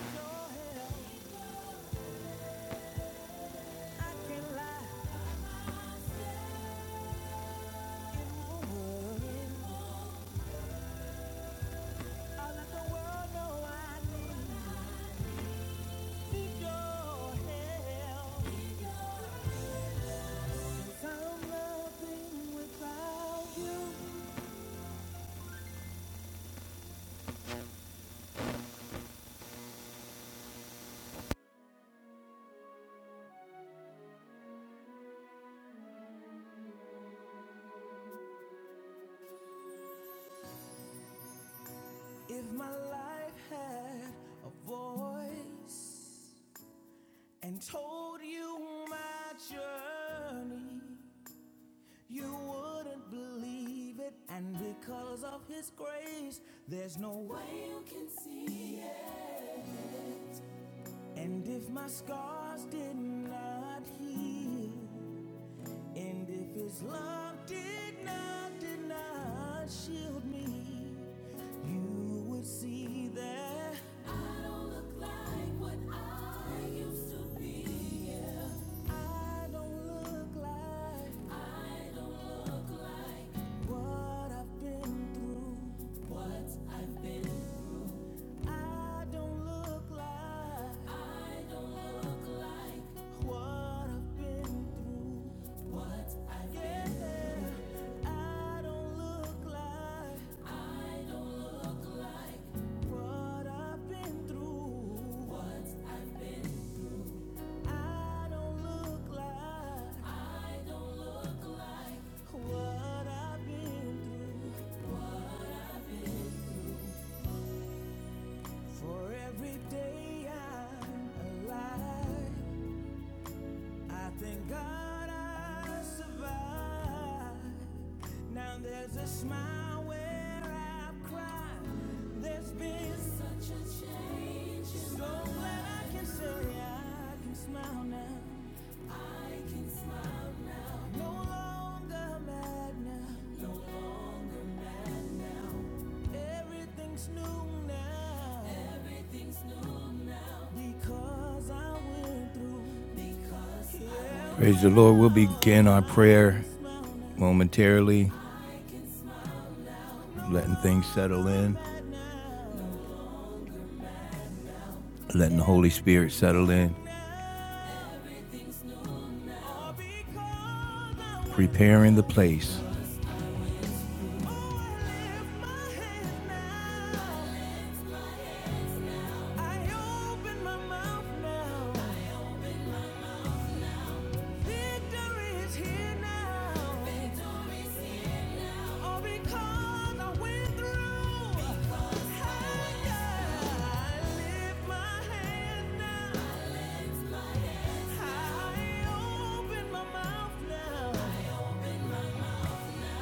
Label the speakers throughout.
Speaker 1: No, If my life had a voice and told you my journey, you wouldn't believe it. And because of His grace, there's no way you can see it. And if my scars did not heal, and if his love did not, did not shield me, you would see that I don't look like what I've been through. I don't look like what I've been through. What I've been yeah, through. I don't look like What I've been through, what I don't look like, what I've been through. For every day I'm alive, I thank God I survived. Now there's a smile where I've cried. There's been such a change. So my glad I can say I can smile now. I'm no longer mad now. Everything's new now because I went through. Praise the Lord. We'll begin our prayer momentarily, letting things settle in, letting the Holy Spirit settle in, preparing the place. Oh, because I went through. I, lift my hand now. I, open my mouth now.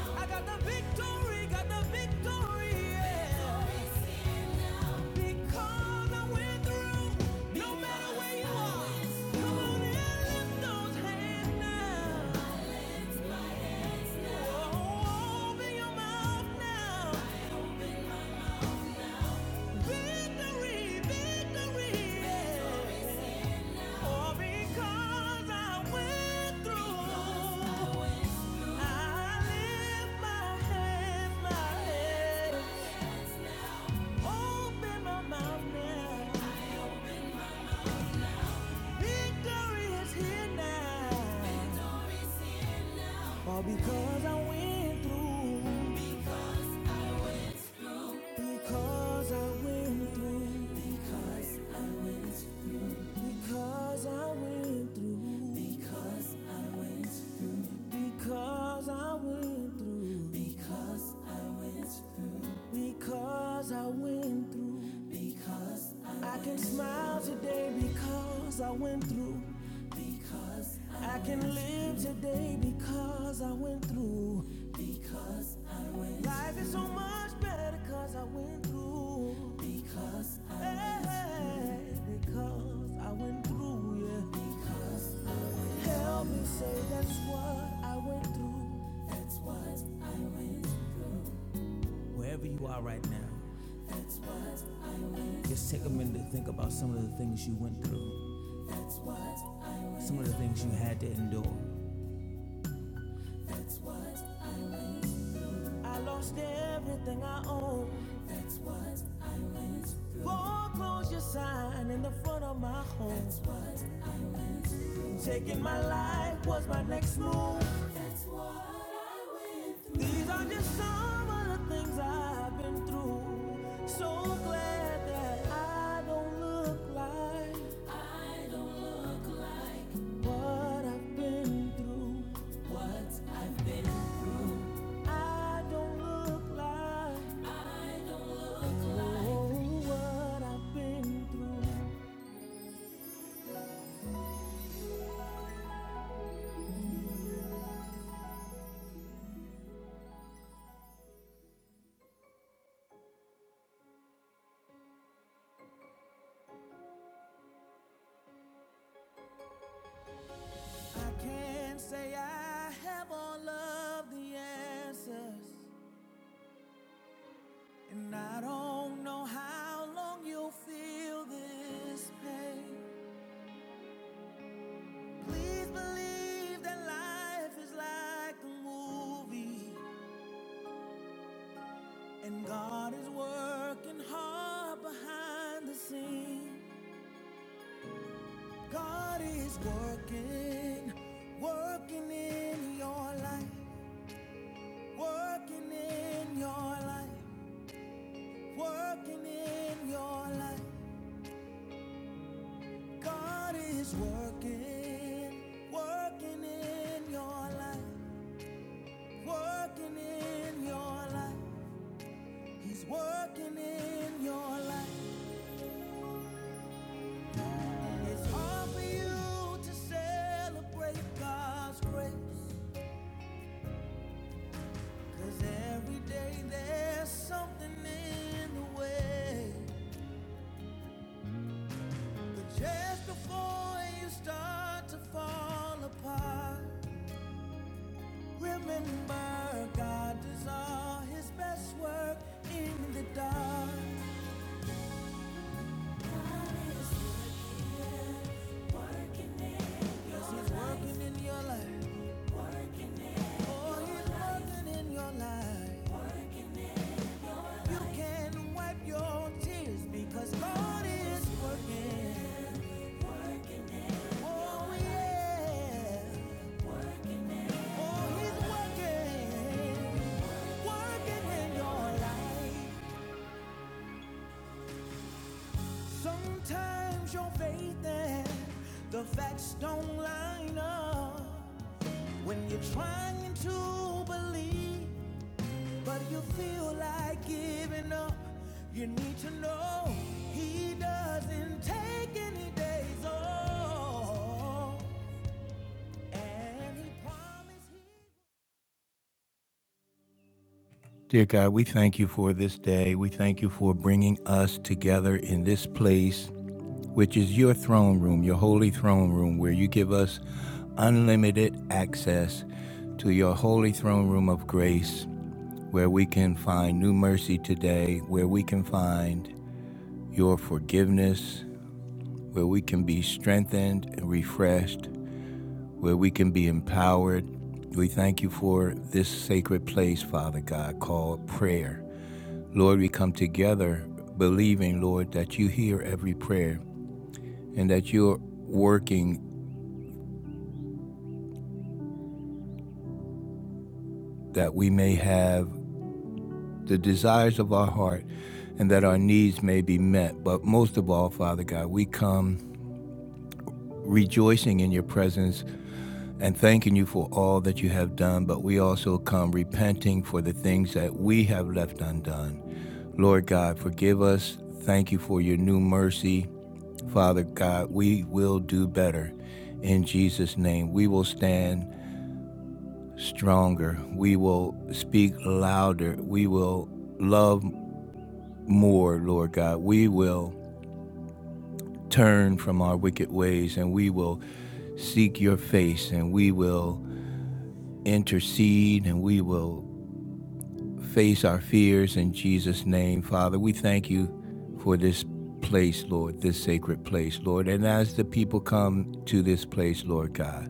Speaker 1: I got the victory, got the victory, yeah. Because I went through. No matter where you are, come and lift those hands now. Oh, open your mouth now. Victory, victory, yeah. All because I went through. I lift my hands, my head, open my mouth now. Victory is here now. All because I went through. Because I went through. Because I went through. Because I went through. Because I went through. Because I went through. Because I went through. Because I went through. Because I, I can smile through. today because I went through. Because I, I can live through. today because I went through. Because I went through. Life is so much better because I went through. Because I went hey, through. Because I went through, yeah. Because Help me say that's what I went through. That's what I Wherever you are right now, just take a minute to think about some of the things you went through, some of the things you had to endure. I lost everything I own. Foreclosure sign in the front of my home. Taking my life was my next move. These are just some of the things I've been through. So glad that I don't look like What I've been through, I don't look like. Oh, what I've been through. I can't say I have all of the answers. And I don't know how long you'll feel this pain. Please believe that life is like a movie. And God is working hard behind the scenes. God is working, working in your life, working in your life, working in your life. God is working, working in your life, working in your life. He's working in your life. It's hard for you to celebrate God's grace. Cause every day there's something in the way. But just before you start to fall apart, remember God does all his best work in the dark. Yes, he's working in your life. Oh, he's working in your life. You can wipe your tears because God is working. Oh, yeah. Oh, Sometimes your faith and the facts don't line up when you're trying to believe, but you feel like giving up. You need to know he doesn't take any days off, and he promised Dear God, we thank you for this day. We thank you for bringing us together in this place, which is your throne room, your holy throne room, where you give us unlimited access to your holy throne room of grace, where we can find new mercy today, where we can find your forgiveness, where we can be strengthened and refreshed, where we can be empowered. We thank you for this sacred place, Father God, called prayer. Lord, we come together believing, Lord, that you hear every prayer and that you're working that we may have the desires of our heart and that our needs may be met. But most of all, Father God, we come rejoicing in your presence and thanking you for all that you have done, but we also come repenting for the things that we have left undone. Lord God, forgive us. Thank you for your new mercy. Father God, we will do better in Jesus' name. We will stand stronger. We will speak louder. We will love more, Lord God. We will turn from our wicked ways and we will seek your face and we will intercede and we will face our fears in Jesus' name. Father, we thank you for this place, Lord, this sacred place, Lord. And as the people come to this place, Lord God,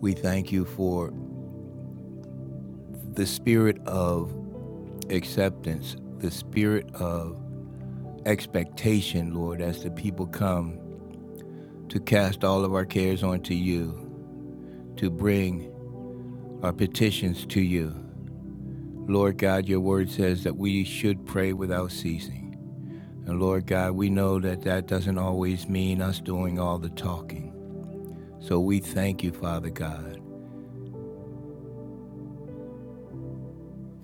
Speaker 1: We thank you for the spirit of acceptance, the spirit of expectation, Lord, as the people come to cast all of our cares onto you, to bring our petitions to you. Lord God, your word says that we should pray without ceasing. And Lord God, we know that that doesn't always mean us doing all the talking. So we thank you, Father God,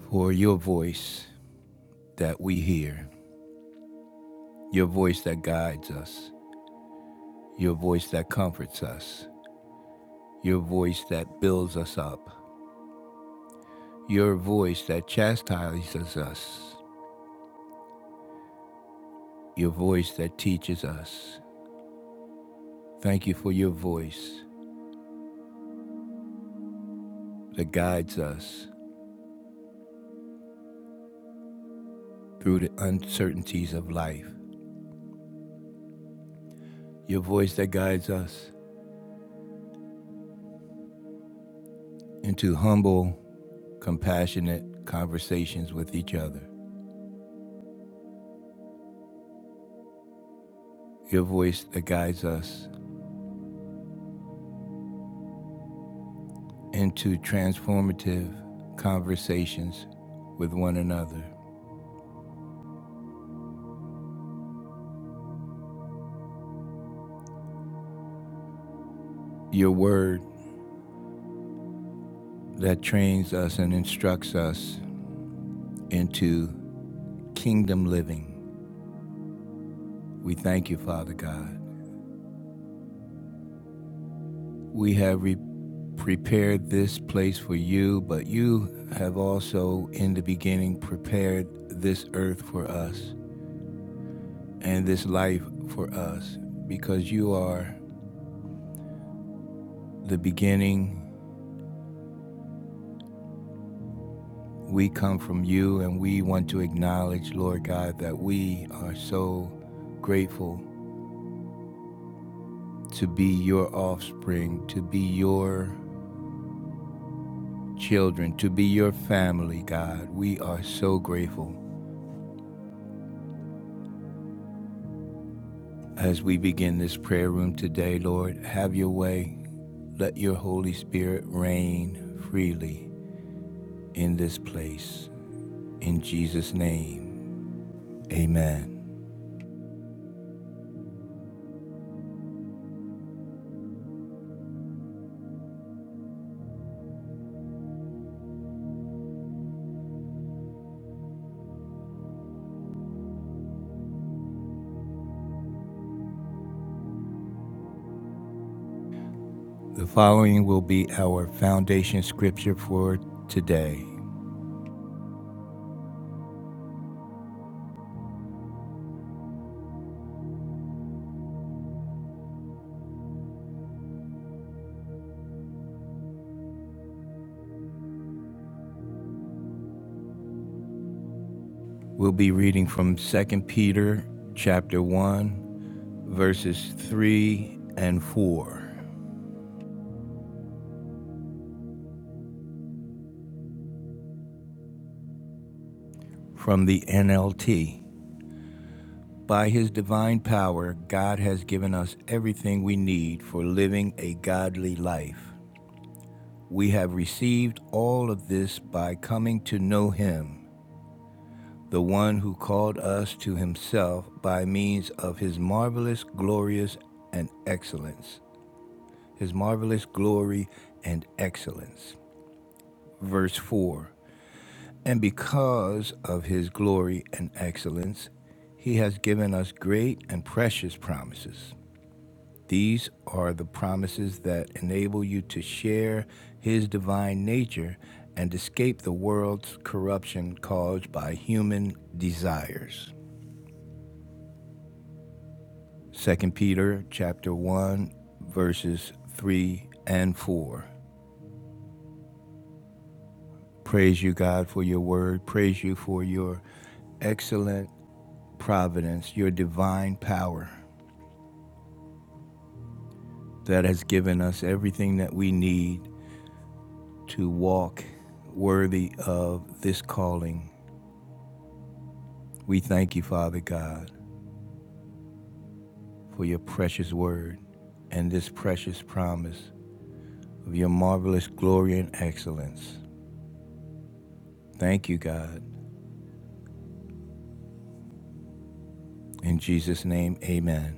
Speaker 1: for your voice that we hear, your voice that guides us, your voice that comforts us, your voice that builds us up, your voice that chastises us, your voice that teaches us. Thank you for your voice that guides us through the uncertainties of life, your voice that guides us into humble, compassionate conversations with each other, your voice that guides us into transformative conversations with one another. Your word that trains us and instructs us into kingdom living. We thank you, Father God. We have re- prepared this place for you, but you have also, in the beginning, prepared this earth for us and this life for us because you are the beginning. We come from you, and we want to acknowledge, Lord God, that we are so grateful to be your offspring, to be your children, to be your family, God. We are so grateful. As we begin this prayer room today, Lord, have your way. Let your Holy Spirit reign freely in this place. In Jesus' name, amen. The following will be our foundation scripture for today. We'll be reading from Second Peter chapter 1, verses 3 and 4 from the NLT. By his divine power, God has given us everything we need for living a godly life. We have received all of this by coming to know him, the one who called us to himself by means of his marvelous, glorious, and excellence. His marvelous glory and excellence. Verse 4 And because of his glory and excellence, he has given us great and precious promises These are the promises that enable you to share His divine nature and escape the world's corruption caused by human desires. Second Peter chapter 1 verses 3 and 4. Praise you God for your word. Praise you for your excellent providence, your divine power that has given us everything that we need to walk worthy of this calling We thank you, Father God, for your precious word and this precious promise of your marvelous glory and excellence. Thank you, God. In Jesus' name, amen.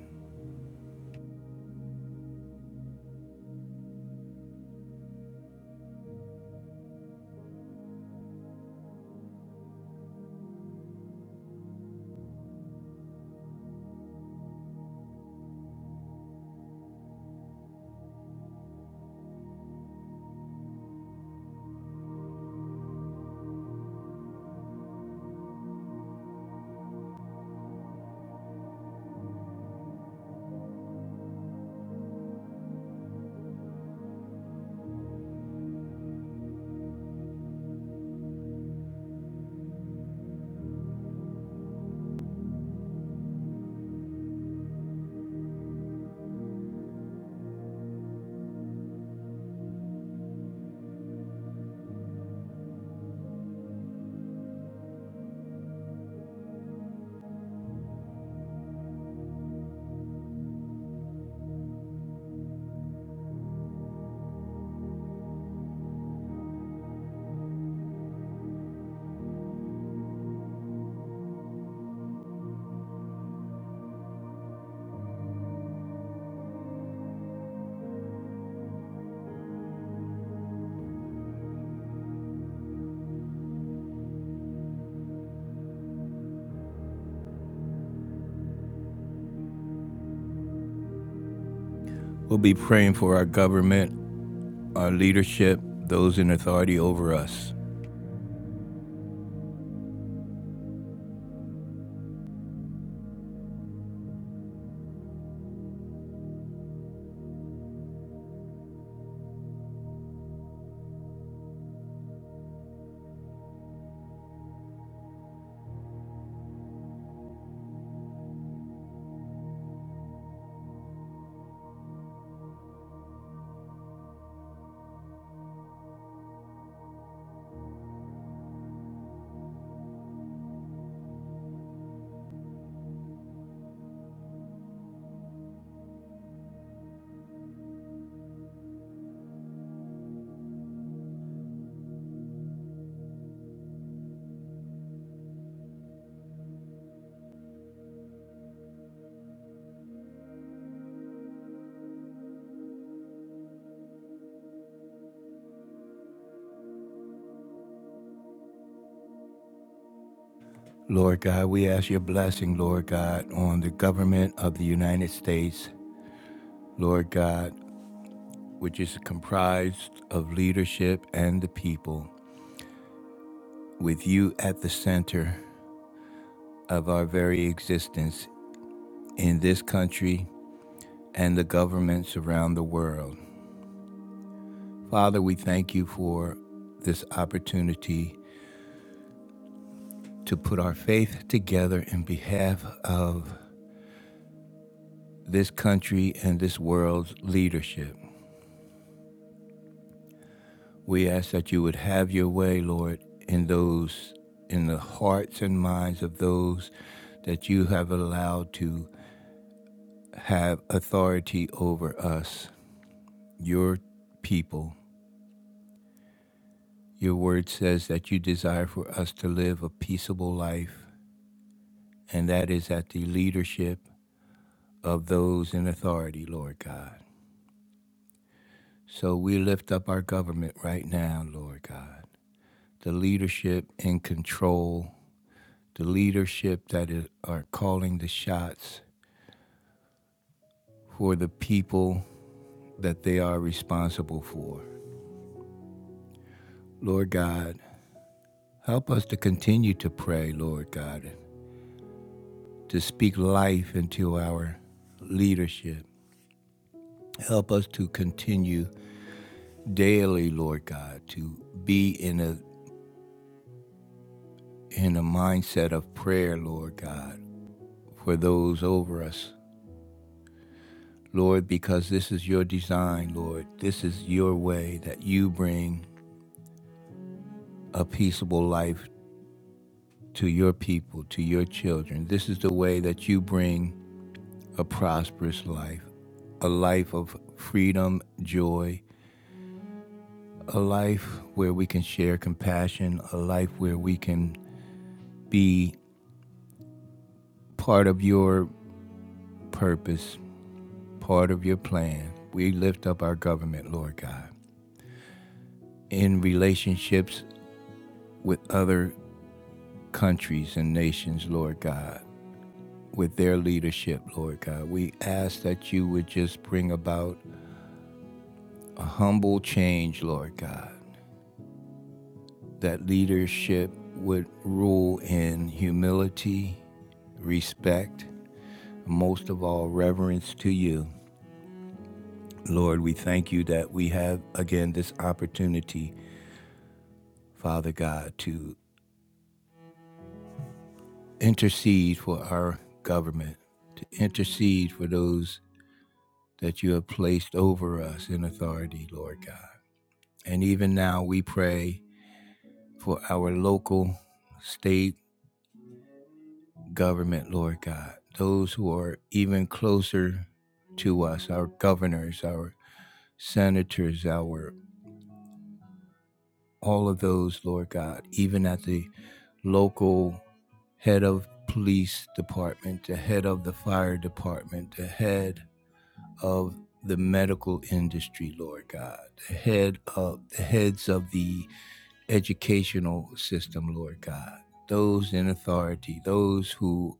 Speaker 1: We'll be praying for our government, our leadership, those in authority over us. Lord God, we ask your blessing, Lord God, on the government of the United States, Lord God, which is comprised of leadership and the people, with you at the center of our very existence in this country and the governments around the world. Father, we thank you for this opportunity to put our faith together in behalf of this country and this world's leadership. We ask that you would have your way, Lord, in those in the hearts and minds of those that you have allowed to have authority over us, your people. Your word says that you desire for us to live a peaceable life, and that is at the leadership of those in authority, Lord God. So we lift up our government right now, Lord God. The leadership in control, the leadership that is, are calling the shots for the people that they are responsible for. Lord God, help us to continue to pray, Lord God, to speak life into our leadership Help us to continue daily, Lord God, to be in a in a mindset of prayer, Lord God, for those over us. Lord, because this is your design, Lord. This is your way that you bring a peaceable life to your people, to your children. This is the way that you bring a prosperous life, a life of freedom, joy, a life where we can share compassion, a life where we can be part of your purpose, part of your plan. We lift up our government, Lord God, in relationships with other countries and nations, Lord God, with their leadership, Lord God. We ask that you would just bring about a humble change, Lord God, that leadership would rule in humility, respect, most of all, reverence to you. Lord, we thank you that we have again this opportunity Father God, to intercede for our government, to intercede for those that you have placed over us in authority, Lord God. And even now we pray for our local, state government, Lord God, those who are even closer to us, our governors, our senators, our all of those, Lord God, even at the local head of police department, the head of the fire department, the head of the medical industry, Lord God, the head of the heads of the educational system, Lord God, those in authority, those who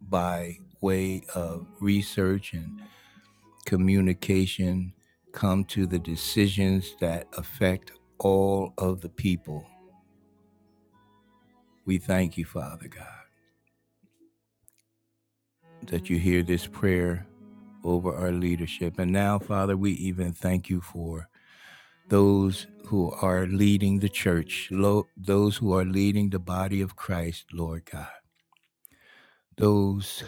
Speaker 1: by way of research and communication come to the decisions that affect all of the people We thank you, Father God, that you hear this prayer over our leadership. And now, Father, we even thank you for those who are leading the church, lo- those who are leading the body of Christ, Lord God, those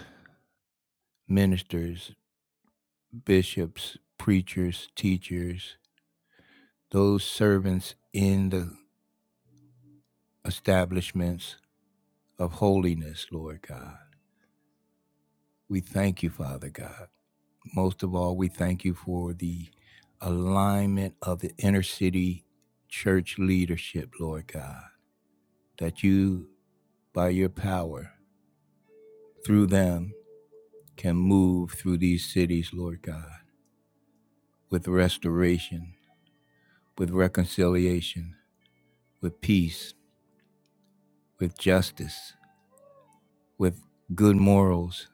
Speaker 1: ministers, bishops, preachers, teachers, those servants in the establishments of holiness, Lord God. We thank you, Father God Most of all, we thank you for the alignment of the inner city church leadership, Lord God, that you, by your power, through them, can move through these cities, Lord God, with restoration, with reconciliation, with peace, with justice, with good morals,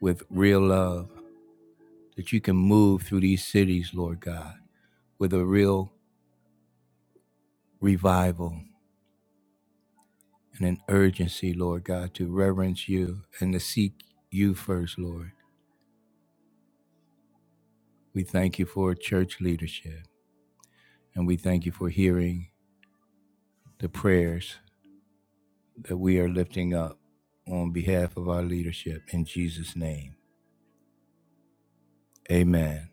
Speaker 1: with real love, that you can move through these cities, Lord God, with a real revival and an urgency, Lord God, to reverence you and to seek you first, Lord. We thank you for church leadership and we thank you for hearing the prayers that we are lifting up on behalf of our leadership in Jesus' name. Amen.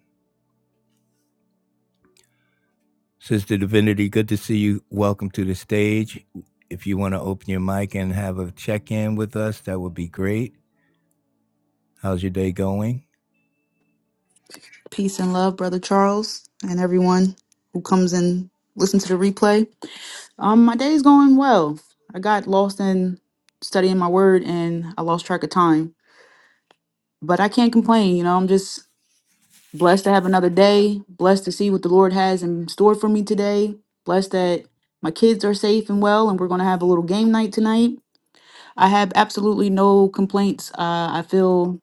Speaker 1: Sister Divinity, good to see you. Welcome to the stage. If you want to open your mic and have a check in with us, that would be great. How's your day going?
Speaker 2: Peace and love, Brother Charles, and everyone who comes and listen to the replay. Um, my day's going well. I got lost in studying my word and I lost track of time. But I can't complain, you know, I'm just blessed to have another day, blessed to see what the Lord has in store for me today, blessed that my kids are safe and well, and we're gonna have a little game night tonight. I have absolutely no complaints. Uh, I feel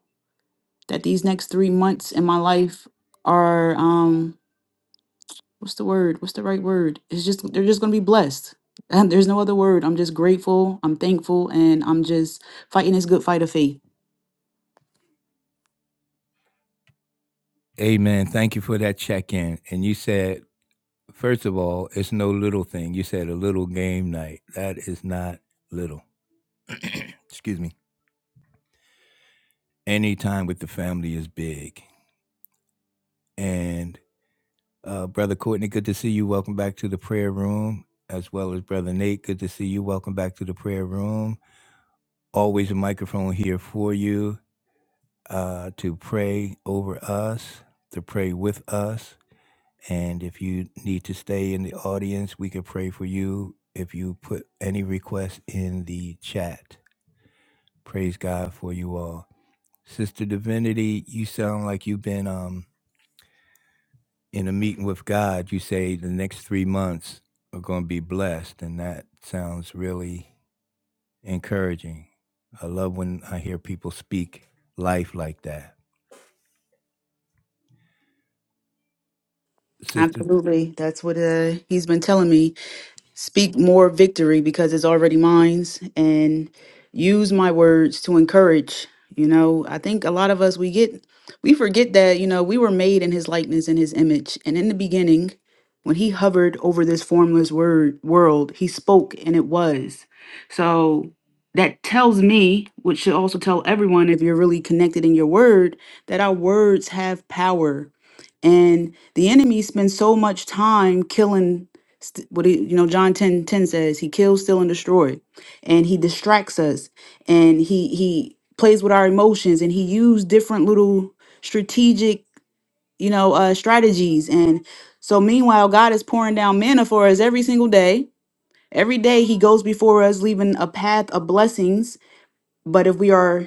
Speaker 2: that these next three months in my life are um what's the word? What's the right word? It's just they're just gonna be blessed. And there's no other word. I'm just grateful. I'm thankful, and I'm just fighting this good fight of faith.
Speaker 1: Amen. Thank you for that check in. And you said First of all, it's no little thing. You said a little game night. That is not little. Excuse me. Any time with the family is big. And uh, Brother Courtney, good to see you. Welcome back to the prayer room. As well as Brother Nate, good to see you. Welcome back to the prayer room. Always a microphone here for you uh, to pray over us, to pray with us. And if you need to stay in the audience, we can pray for you if you put any requests in the chat. Praise God for you all. Sister Divinity, you sound like you've been um in a meeting with God. You say the next three months are going to be blessed, and that sounds really encouraging. I love when I hear people speak life like that, Sister.
Speaker 2: Absolutely, that's what uh, he's been telling me. Speak more victory because it's already mine and use my words to encourage. You know, I think a lot of us, we get, we forget that, you know, we were made in his likeness and his image. And in the beginning, when he hovered over this formless word world, he spoke and it was. So that tells me, which should also tell everyone if you're really connected in your word, that our words have power. And the enemy spends so much time killing St- what he, you know john 10 10 says he kills steal and destroy and he distracts us and he he plays with our emotions and he used different little strategic you know uh strategies and so meanwhile god is pouring down manna for us every single day every day he goes before us leaving a path of blessings but if we are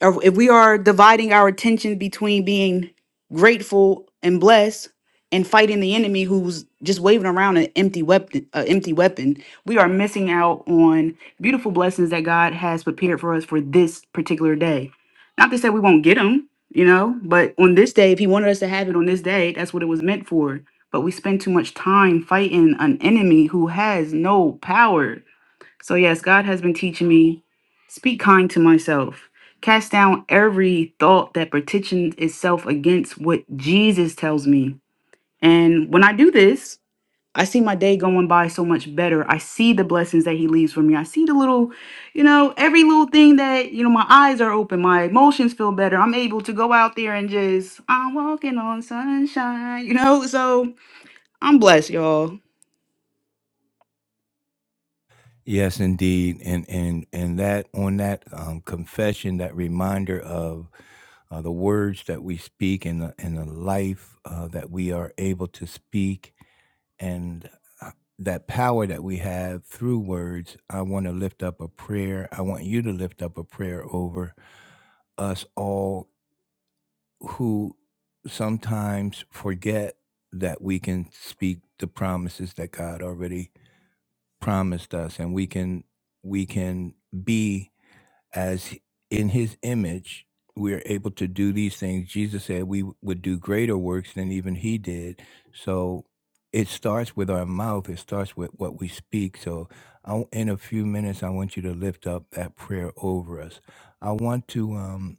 Speaker 2: or if we are dividing our attention between being grateful and blessed and fighting the enemy who's just waving around an empty weapon a empty weapon we are missing out on beautiful blessings that god has prepared for us for this particular day not to say we won't get them you know but on this day if he wanted us to have it on this day that's what it was meant for but we spend too much time fighting an enemy who has no power so, yes, God has been teaching me speak kind to myself, cast down every thought that petitions itself against what Jesus tells me. And when I do this, I see my day going by so much better. I see the blessings that he leaves for me. I see the little, you know, every little thing that, you know, my eyes are open, my emotions feel better. I'm able to go out there and just, I'm walking on sunshine, you know? So I'm blessed, y'all.
Speaker 1: Yes, indeed, and and and that on that um, confession, that reminder of uh, the words that we speak and the, and the life uh, that we are able to speak and uh, that power that we have through words, I want to lift up a prayer. I want you to lift up a prayer over us all who sometimes forget that we can speak the promises that God already promised us and we can we can be as in his image we are able to do these things jesus said we would do greater works than even he did so it starts with our mouth it starts with what we speak so I, in a few minutes i want you to lift up that prayer over us i want to um,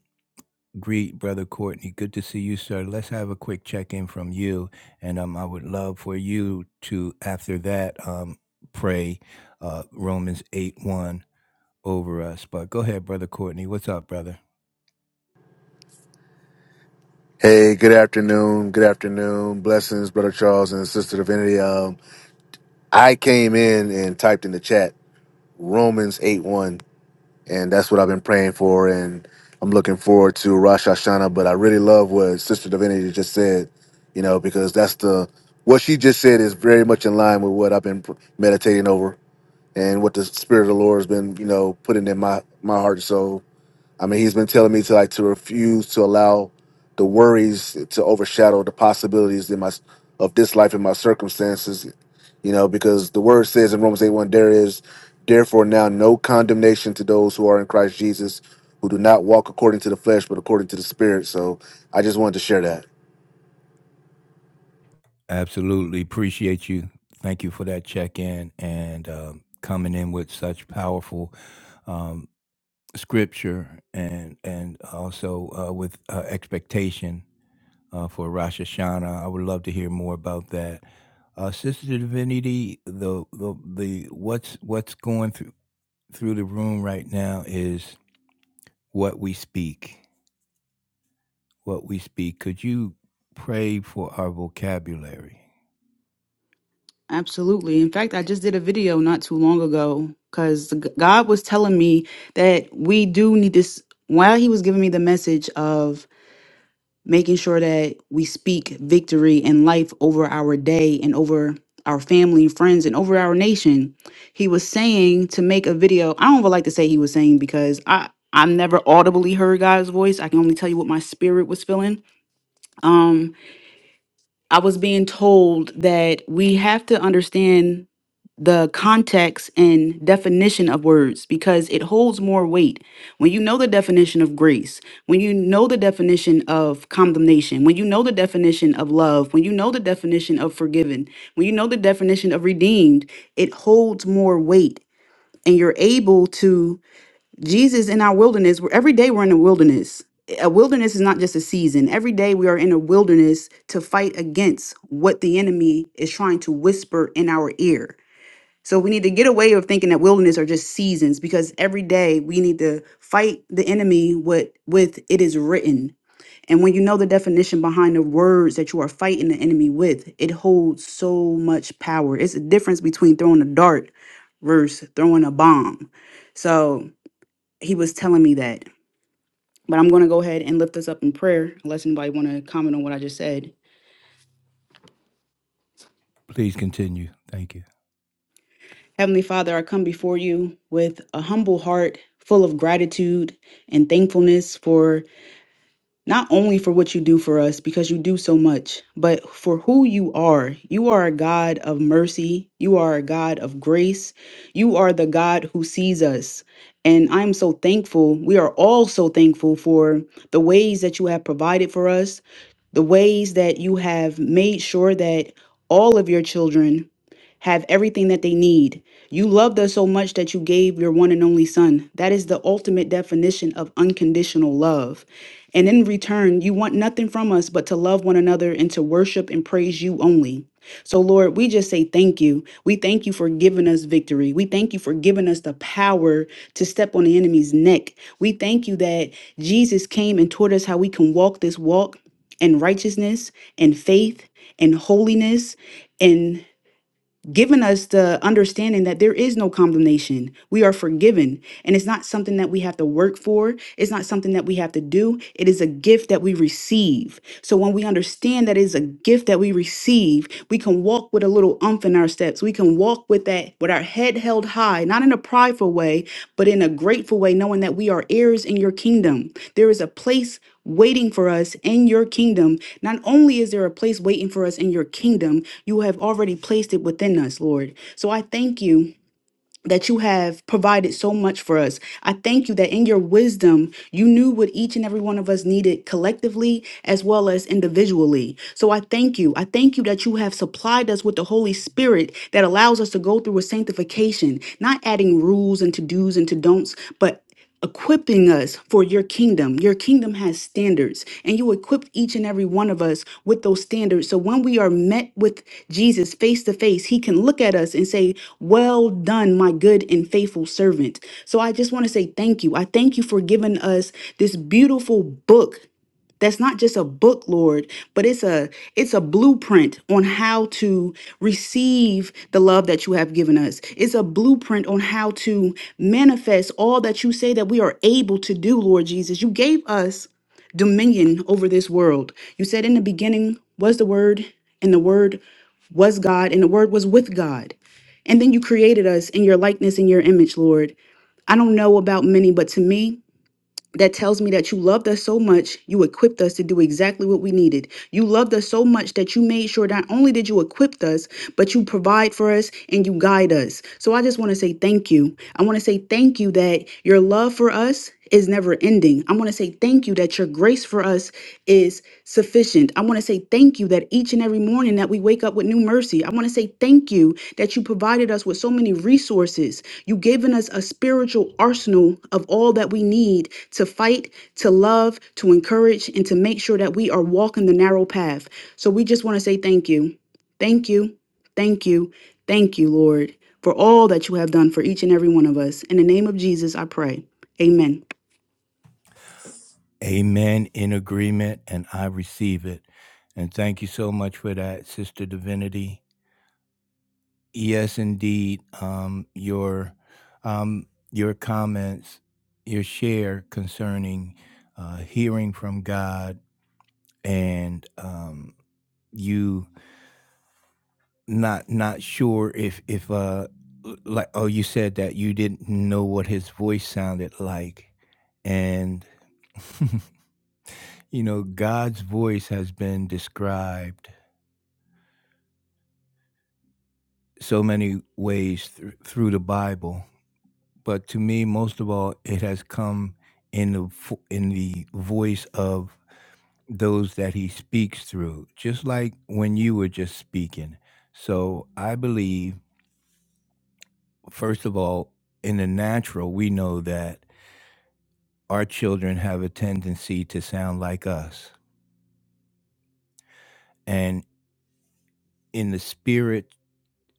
Speaker 1: greet brother courtney good to see you sir let's have a quick check-in from you and um, i would love for you to after that um, pray uh, romans 8 1 over us. But go ahead, brother Courtney. What's up, brother?
Speaker 3: Hey, good afternoon. Good afternoon. Blessings, Brother Charles and Sister Divinity. Um, I came in and typed in the chat Romans 8 1, and that's what I've been praying for. And I'm looking forward to Rosh Hashanah, but I really love what Sister Divinity just said, you know, because that's the what she just said is very much in line with what I've been pr- meditating over and what the Spirit of the Lord has been, you know, putting in my, my heart and soul I mean, he's been telling me to like to refuse to allow the worries to overshadow the possibilities in my of this life and my circumstances. You know, because the word says in Romans eight one, there is therefore now no condemnation to those who are in Christ Jesus, who do not walk according to the flesh, but according to the Spirit. So I just wanted to share that.
Speaker 1: Absolutely appreciate you. Thank you for that check in and um, coming in with such powerful um, scripture and and also uh, with uh, expectation uh, for Rosh Hashanah. I would love to hear more about that, uh, Sister Divinity. The the the what's what's going through through the room right now is what we speak. What we speak. Could you pray for our vocabulary?
Speaker 2: Absolutely. In fact, I just did a video not too long ago because God was telling me that we do need this. While He was giving me the message of making sure that we speak victory and life over our day and over our family and friends and over our nation, He was saying to make a video. I don't even like to say He was saying because I. I never audibly heard God's voice. I can only tell you what my spirit was feeling. Um, I was being told that we have to understand the context and definition of words because it holds more weight. When you know the definition of grace, when you know the definition of condemnation, when you know the definition of love, when you know the definition of forgiven, when you know the definition of redeemed, it holds more weight. And you're able to, Jesus in our wilderness, where every day we're in the wilderness. A wilderness is not just a season. Every day we are in a wilderness to fight against what the enemy is trying to whisper in our ear so we need to get away of thinking that wilderness are just seasons because every day we need to fight the enemy with with it is written. And when you know the definition behind the words that you are fighting the enemy with, it holds so much power. It's a difference between throwing a dart versus throwing a bomb. So he was telling me that. But I'm going to go ahead and lift this up in prayer unless anybody want to comment on what I just said.
Speaker 1: Please continue. Thank you.
Speaker 2: Heavenly Father, I come before you with a humble heart full of gratitude and thankfulness for not only for what you do for us, because you do so much, but for who you are. You are a God of mercy. You are a God of grace. You are the God who sees us. And I'm so thankful. We are all so thankful for the ways that you have provided for us, the ways that you have made sure that all of your children have everything that they need. You loved us so much that you gave your one and only son. That is the ultimate definition of unconditional love. And in return, you want nothing from us but to love one another and to worship and praise you only. So, Lord, we just say thank you. We thank you for giving us victory. We thank you for giving us the power to step on the enemy's neck. We thank you that Jesus came and taught us how we can walk this walk in righteousness and faith and holiness and given us the understanding that there is no condemnation. We are forgiven. And it's not something that we have to work for, it's not something that we have to do. It is a gift that we receive. So when we understand that it is a gift that we receive, we can walk with a little umph in our steps. We can walk with that, with our head held high, not in a prideful way, but in a grateful way, knowing that we are heirs in your kingdom. There is a place waiting for us in your kingdom. Not only is there a place waiting for us in your kingdom, you have already placed it within us, Lord. So I thank you. That you have provided so much for us. I thank you that in your wisdom, you knew what each and every one of us needed collectively as well as individually. So I thank you. I thank you that you have supplied us with the Holy Spirit that allows us to go through a sanctification, not adding rules and to do's and to don'ts, but equipping us for your kingdom. Your kingdom has standards, and you equip each and every one of us with those standards. So when we are met with Jesus face to face, he can look at us and say, Well done, my good and faithful servant. So I just want to say thank you. I thank you for giving us this beautiful book that's not just a book lord but it's a it's a blueprint on how to receive the love that you have given us it's a blueprint on how to manifest all that you say that we are able to do lord jesus you gave us dominion over this world you said in the beginning was the word and the word was god and the word was with god and then you created us in your likeness and your image lord i don't know about many but to me that tells me that you loved us so much, you equipped us to do exactly what we needed. You loved us so much that you made sure not only did you equip us, but you provide for us and you guide us. So I just want to say thank you. I want to say thank you that your love for us is never ending. I want to say thank you that your grace for us is sufficient. I want to say thank you that each and every morning that we wake up with new mercy. I want to say thank you that you provided us with so many resources. You've given us a spiritual arsenal of all that we need to fight, to love, to encourage, and to make sure that we are walking the narrow path. So we just want to say thank you. Thank you. Thank you. Thank you, Lord, for all that you have done for each and every one of us. In the name of Jesus, I pray. Amen.
Speaker 1: Amen. In agreement, and I receive it. And thank you so much for that, Sister Divinity. Yes, indeed. Um, your um, your comments, your share concerning uh, hearing from God, and um, you not not sure if if uh like oh you said that you didn't know what his voice sounded like, and You know, God's voice has been described so many ways thr- through the Bible, but to me, most of all, it has come in the fo- in the voice of those that He speaks through, just like when you were just speaking. So I believe, first of all, in the natural, we know that our children have a tendency to sound like us, and in the spirit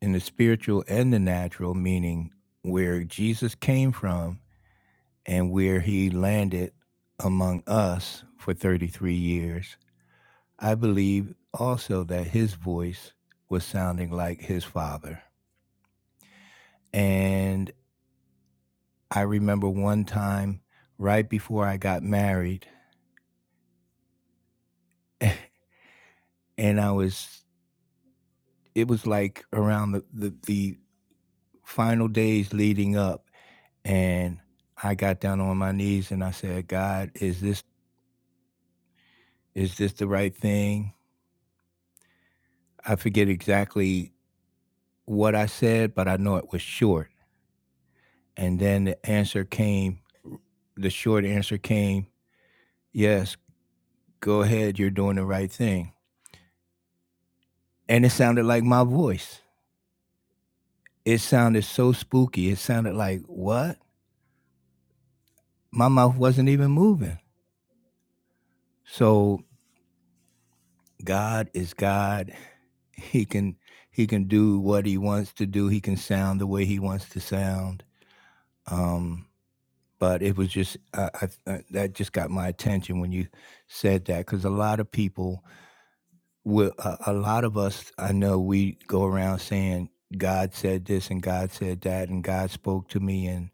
Speaker 1: in the spiritual and the natural, meaning where Jesus came from and where he landed among us for 33 years, I believe also that his voice was sounding like his father. And I remember one time right before I got married, and I was, it was like around the, the, the final days leading up, and I got down on my knees and I said, God, is this Is this the right thing? I forget exactly what I said, but I know it was short. And then the answer came, the short answer came, yes, go ahead, you're doing the right thing. And it sounded like my voice. It sounded so spooky. It sounded like, what? My mouth wasn't even moving. So God is God. He can he can do what he wants to do. He can sound the way he wants to sound. Um, but it was just I, I, I, that just got my attention when you said that because a lot of people will a, a lot of us I know we go around saying God said this and God said that and God spoke to me and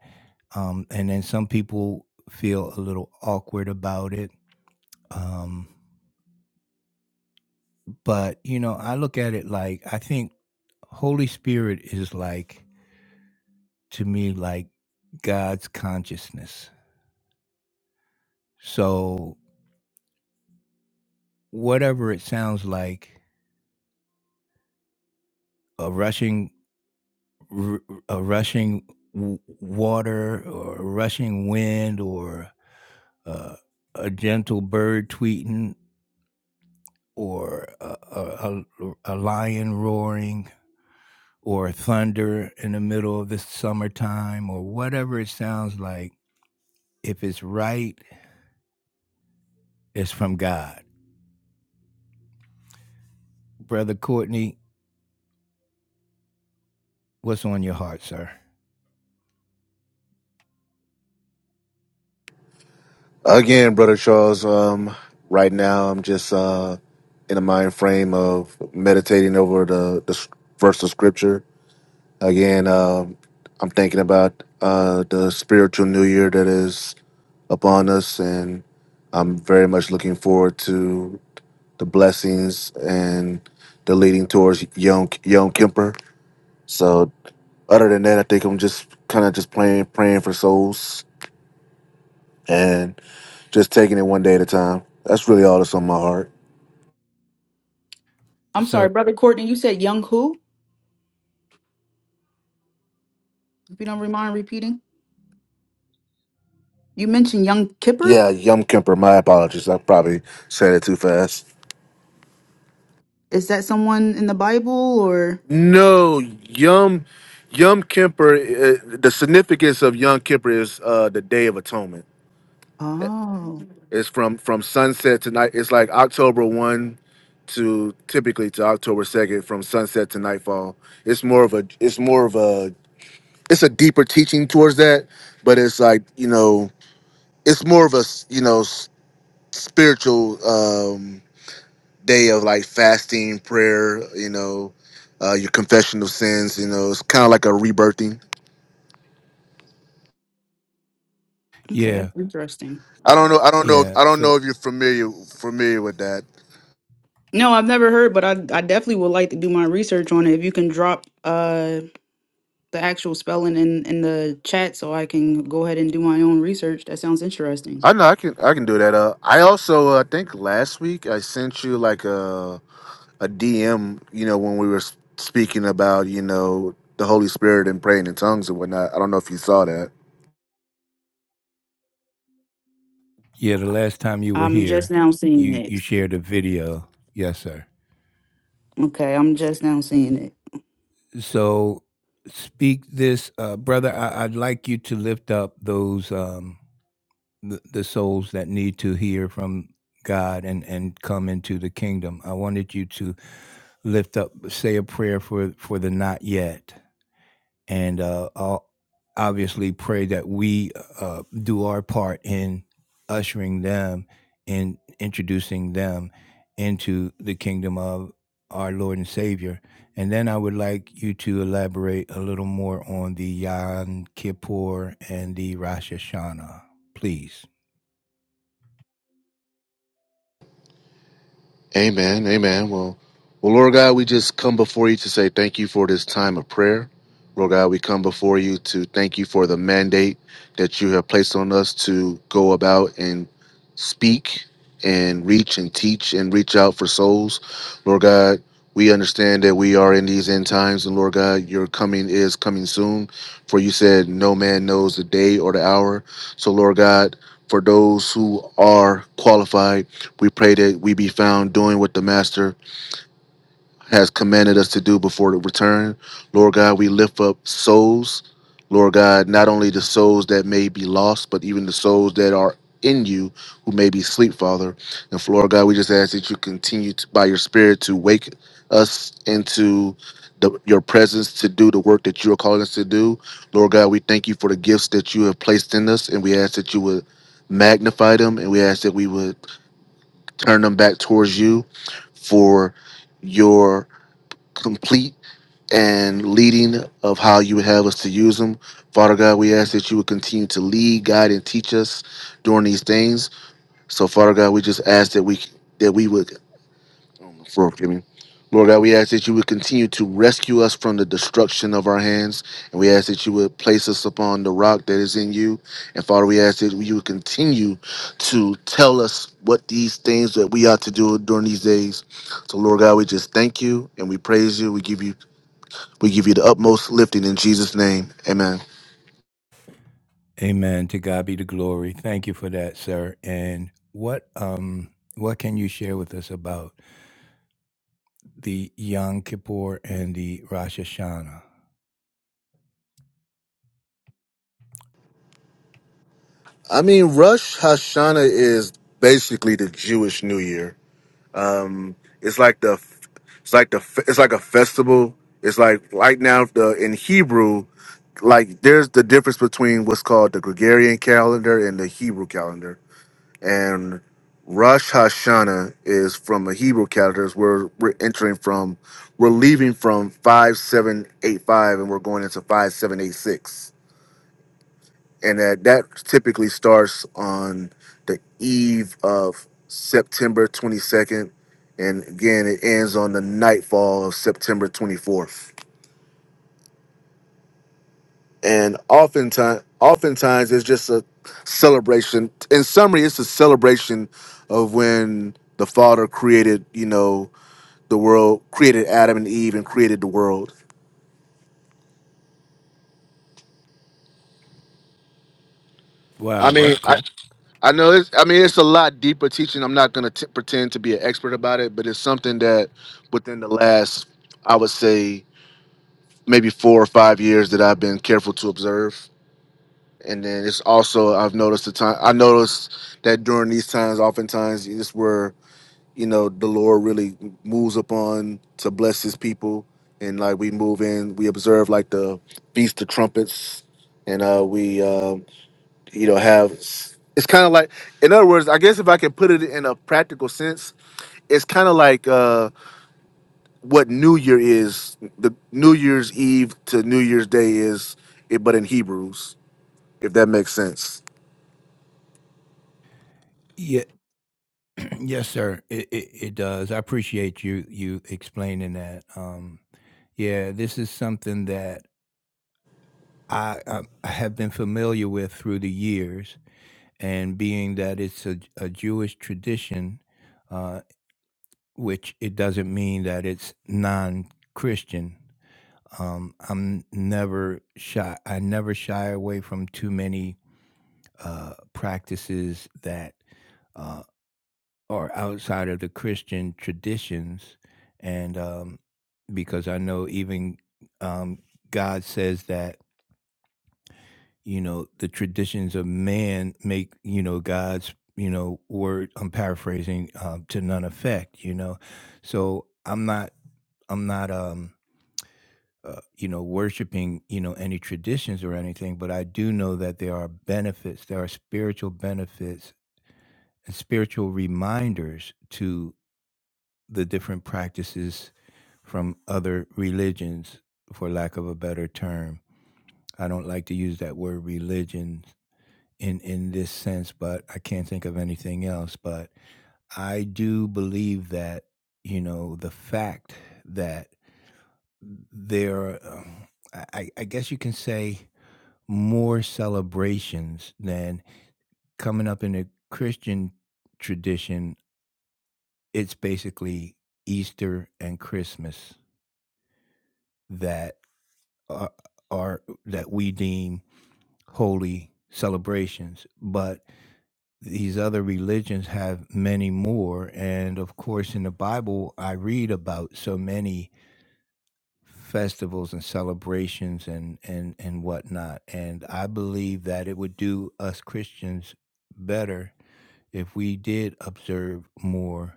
Speaker 1: um and then some people feel a little awkward about it um but you know I look at it like I think Holy Spirit is like to me like God's consciousness so whatever it sounds like a rushing r- a rushing w- water or a rushing wind or uh, a gentle bird tweeting or a, a, a, a lion roaring or thunder in the middle of the summertime or whatever it sounds like. If it's right, it's from God. Brother Courtney, what's on your heart, sir?
Speaker 3: Again, brother Charles. Um, right now I'm just uh in a mind frame of meditating over the the s- verse of scripture. Again, um, I'm thinking about uh, the spiritual new year that is upon us, and I'm very much looking forward to the blessings and the leading towards Yom Yom Kemper. So, other than that, I think I'm just kind of just praying, praying for souls, and just taking it one day at a time. That's really all that's on my heart.
Speaker 2: I'm sorry,
Speaker 1: Sir,
Speaker 2: Brother Courtney, you said young who? If you don't remind repeating. You mentioned young Kipper.
Speaker 3: Yeah, Yom Kemper. My apologies. I probably said it too fast.
Speaker 2: Is that someone in the Bible or?
Speaker 3: No, Yom Yom Kippur. Uh, the significance of Yom Kippur is uh, the Day of Atonement.
Speaker 2: Oh,
Speaker 3: It's from from sunset tonight. It's like October one to typically to October second, from sunset to nightfall. It's more of a. It's more of a. It's a deeper teaching towards that, but it's like you know, it's more of a s- you know s- spiritual um, day of like fasting, prayer. You know, uh, your confession of sins. You know, it's kind of like a rebirthing.
Speaker 2: okay,
Speaker 1: yeah,
Speaker 2: that's interesting.
Speaker 3: I don't know. I don't know.
Speaker 1: yeah.
Speaker 3: I don't know
Speaker 1: So,
Speaker 3: if you're familiar familiar with that.
Speaker 2: No, I've never heard, but I I definitely would like to do my research on it. If you can drop uh the actual spelling in in the chat, so I can go ahead and do my own research. That sounds interesting.
Speaker 3: I know. I can. I can do that. Uh, I also. uh, I think last week I sent you like a a DM. You know, when we were s- speaking about you know the Holy Spirit and praying in tongues and whatnot. I don't know if you saw that.
Speaker 1: yeah, the last time you were
Speaker 2: I'm just
Speaker 1: here,
Speaker 2: now seeing
Speaker 1: you, you
Speaker 2: it.
Speaker 1: shared a video. Yes, sir.
Speaker 2: Okay, I'm just now seeing it.
Speaker 1: So speak this, uh, brother. I, I'd like you to lift up those um, the, the souls that need to hear from God and and come into the kingdom. I wanted you to lift up, say a prayer for for the not yet and uh, I'll obviously pray that we uh, do our part in ushering them and introducing them into the kingdom of our Lord and Savior. And then I would like you to elaborate a little more on the Yom Kippur and the Rosh Hashanah, please.
Speaker 3: Amen. Amen. Well, well, Lord God, we just come before you to say thank you for this time of prayer. Lord God, we come before you to thank you for the mandate that you have placed on us to go about and speak and reach and teach and reach out for souls. Lord God, we understand that we are in these end times, and Lord God, your coming is coming soon. For you said, No man knows the day or the hour. So, Lord God, for those who are qualified, we pray that we be found doing what the Master has commanded us to do before the return. Lord God, we lift up souls. Lord God, not only the souls that may be lost, but even the souls that are in you who may be asleep, Father. And Lord God, we just ask that you continue to, by your Spirit to wake us into the, your presence to do the work that you are calling us to do. Lord God, we thank you for the gifts that you have placed in us, and we ask that you would magnify them, and we ask that we would turn them back towards you for your complete and leading of how you would have us to use them. Father God, we ask that you would continue to lead, guide, and teach us during these things. So, Father God, we just ask that we that we would on the floor, forgive me. Lord God, we ask that you would continue to rescue us from the destruction of our hands. And we ask that you would place us upon the rock that is in you. And Father, we ask that you would continue to tell us what these things that we ought to do during these days. So Lord God, we just thank you and we praise you. We give you we give you the utmost lifting in Jesus' name. Amen.
Speaker 1: Amen. To God be the glory. Thank you for that, sir. And what um what can you share with us about the Yom Kippur and the Rosh Hashanah?
Speaker 3: I mean, Rush Hashanah is basically the Jewish New Year. Um, it's like the, it's like the, it's like a festival. It's like right now the in Hebrew, like there's the difference between what's called the Gregorian calendar and the Hebrew calendar. And Rosh Hashanah is from the Hebrew calendar. is Where we're entering from, we're leaving from five seven eight five, and we're going into five seven eight six and that that typically starts on the eve of September 22nd, and again it ends on the nightfall of September 24th. And oftentimes, oftentimes it's just a celebration. In summary, it's a celebration of when the Father created, you know, the world, created Adam and Eve, and created the world. I
Speaker 1: Wow,
Speaker 3: mean,
Speaker 1: that's
Speaker 3: I,
Speaker 1: cool.
Speaker 3: I know it's. I mean, it's a lot deeper teaching. I'm not going to pretend to be an expert about it, but it's something that within the last, I would say, maybe four or five years that I've been careful to observe. And then it's also I've noticed the time. I noticed that during these times, oftentimes it's where you know the Lord really moves upon to bless His people, and like we move in, we observe like the feast of trumpets, and uh, we. um, you don't have. It's kind of like, in other words, I guess if I can put it in a practical sense, it's kind of like uh, what New Year is. The New Year's Eve to New Year's Day is, it, but in Hebrews, if that makes sense.
Speaker 1: Yeah, yes, sir. It, it it does. I appreciate you you explaining that. Um, yeah, this is something that I, I I have been familiar with through the years, and being that it's a, a Jewish tradition, uh, which it doesn't mean that it's non-Christian. Um, I'm never shy. I never shy away from too many uh, practices that. uh, or outside of the Christian traditions. And um, because I know even um, God says that, you know, the traditions of man make, you know, God's, you know, word, I'm paraphrasing, um, to none effect, you know. So I'm not, I'm not, um, uh, you know, worshiping, you know, any traditions or anything, but I do know that there are benefits, there are spiritual benefits and spiritual reminders to the different practices from other religions, for lack of a better term. I don't like to use that word religion in, in this sense, but I can't think of anything else. But I do believe that, you know, the fact that there, are, um, I, I I guess you can say, more celebrations than coming up in a Christian tradition. It's basically Easter and Christmas that are, are that we deem holy celebrations, but these other religions have many more. And of course, in the Bible, I read about so many festivals and celebrations and and and whatnot. And I believe that it would do us Christians better if we did observe more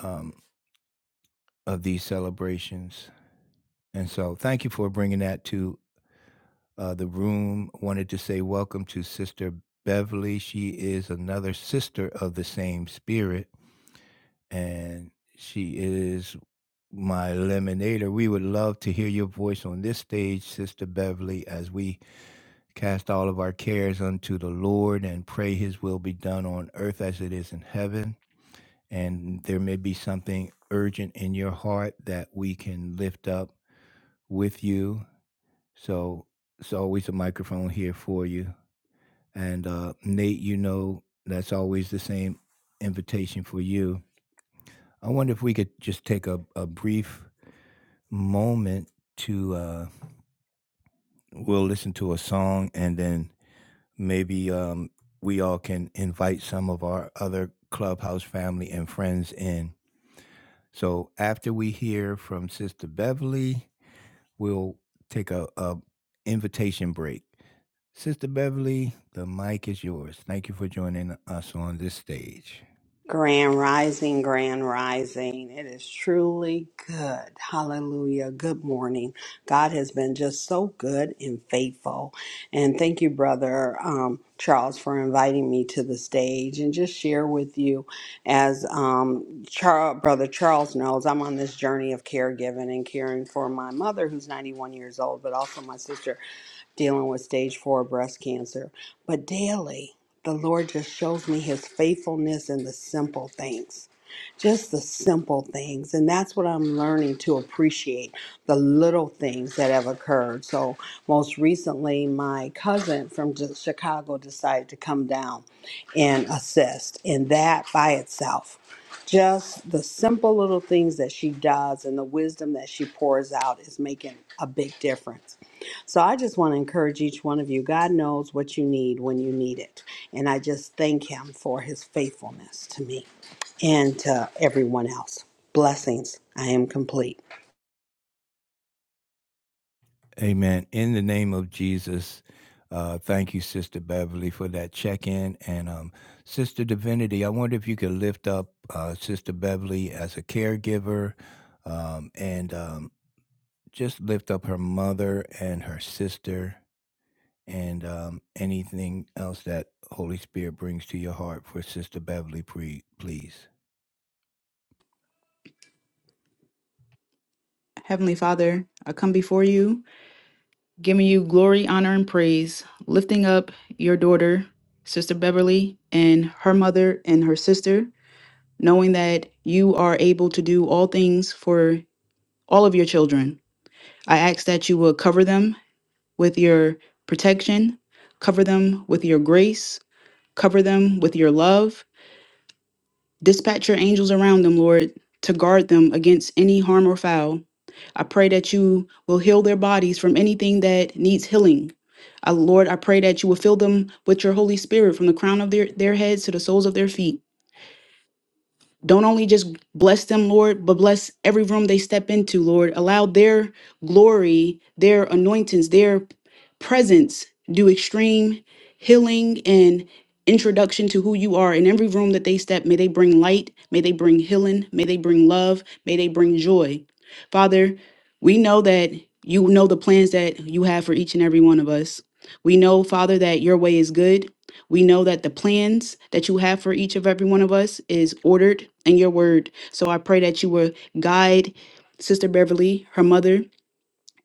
Speaker 1: um, of these celebrations. And so, thank you for bringing that to uh, the room. Wanted to say welcome to Sister Beverly. She is another sister of the same spirit, and she is my lemonader. We would love to hear your voice on this stage, Sister Beverly, as we cast all of our cares unto the Lord and pray His will be done on earth as it is in heaven. And there may be something urgent in your heart that we can lift up with you. So it's always a microphone here for you. And uh, Nate, you know, that's always the same invitation for you. I wonder if we could just take a, a brief moment to, uh, we'll listen to a song and then maybe um, we all can invite some of our other clubhouse family and friends in. So after we hear from Sister Beverly, we'll take a, a invitation break. Sister Beverly, the mic is yours. Thank you for joining us on this stage.
Speaker 4: Grand rising, grand rising. It is truly good. Hallelujah. Good morning. God has been just so good and faithful. And thank you, brother um, Charles, for inviting me to the stage and just share with you. As um, Charles, brother Charles knows, I'm on this journey of caregiving and caring for my mother, who's 91 years old, but also my sister dealing with stage four breast cancer. But daily, the Lord just shows me his faithfulness in the simple things. Just the simple things. And that's what I'm learning to appreciate the little things that have occurred. So, most recently, my cousin from J- Chicago decided to come down and assist. And that by itself, just the simple little things that she does and the wisdom that she pours out is making a big difference. So I just want to encourage each one of you. God knows what you need when you need it. And I just thank Him for His faithfulness to me and to everyone else. Blessings. I am complete.
Speaker 1: Amen. In the name of Jesus, uh, thank you, Sister Beverly, for that check in. And um, Sister Divinity, I wonder if you could lift up uh, Sister Beverly as a caregiver um, and um, just lift up her mother and her sister and um, anything else that Holy Spirit brings to your heart for Sister Beverly, pre- please.
Speaker 2: Heavenly Father, I come before you, giving you glory, honor, and praise, lifting up your daughter, Sister Beverly, and her mother and her sister, knowing that you are able to do all things for all of your children. I ask that you will cover them with your protection, cover them with your grace, cover them with your love. Dispatch your angels around them, Lord, to guard them against any harm or foul. I pray that you will heal their bodies from anything that needs healing. Uh, Lord, I pray that you will fill them with your Holy Spirit from the crown of their, their heads to the soles of their feet. Don't only just bless them, Lord, but bless every room they step into, Lord. Allow their glory, their anointings, their presence do extreme healing and introduction to who you are in every room that they step. May they bring light. May they bring healing. May they bring love. May they bring joy. Father, we know that you know the plans that you have for each and every one of us. We know, Father, that your way is good. We know that the plans that you have for each of every one of us is ordered in your word. So I pray that you will guide Sister Beverly, her mother,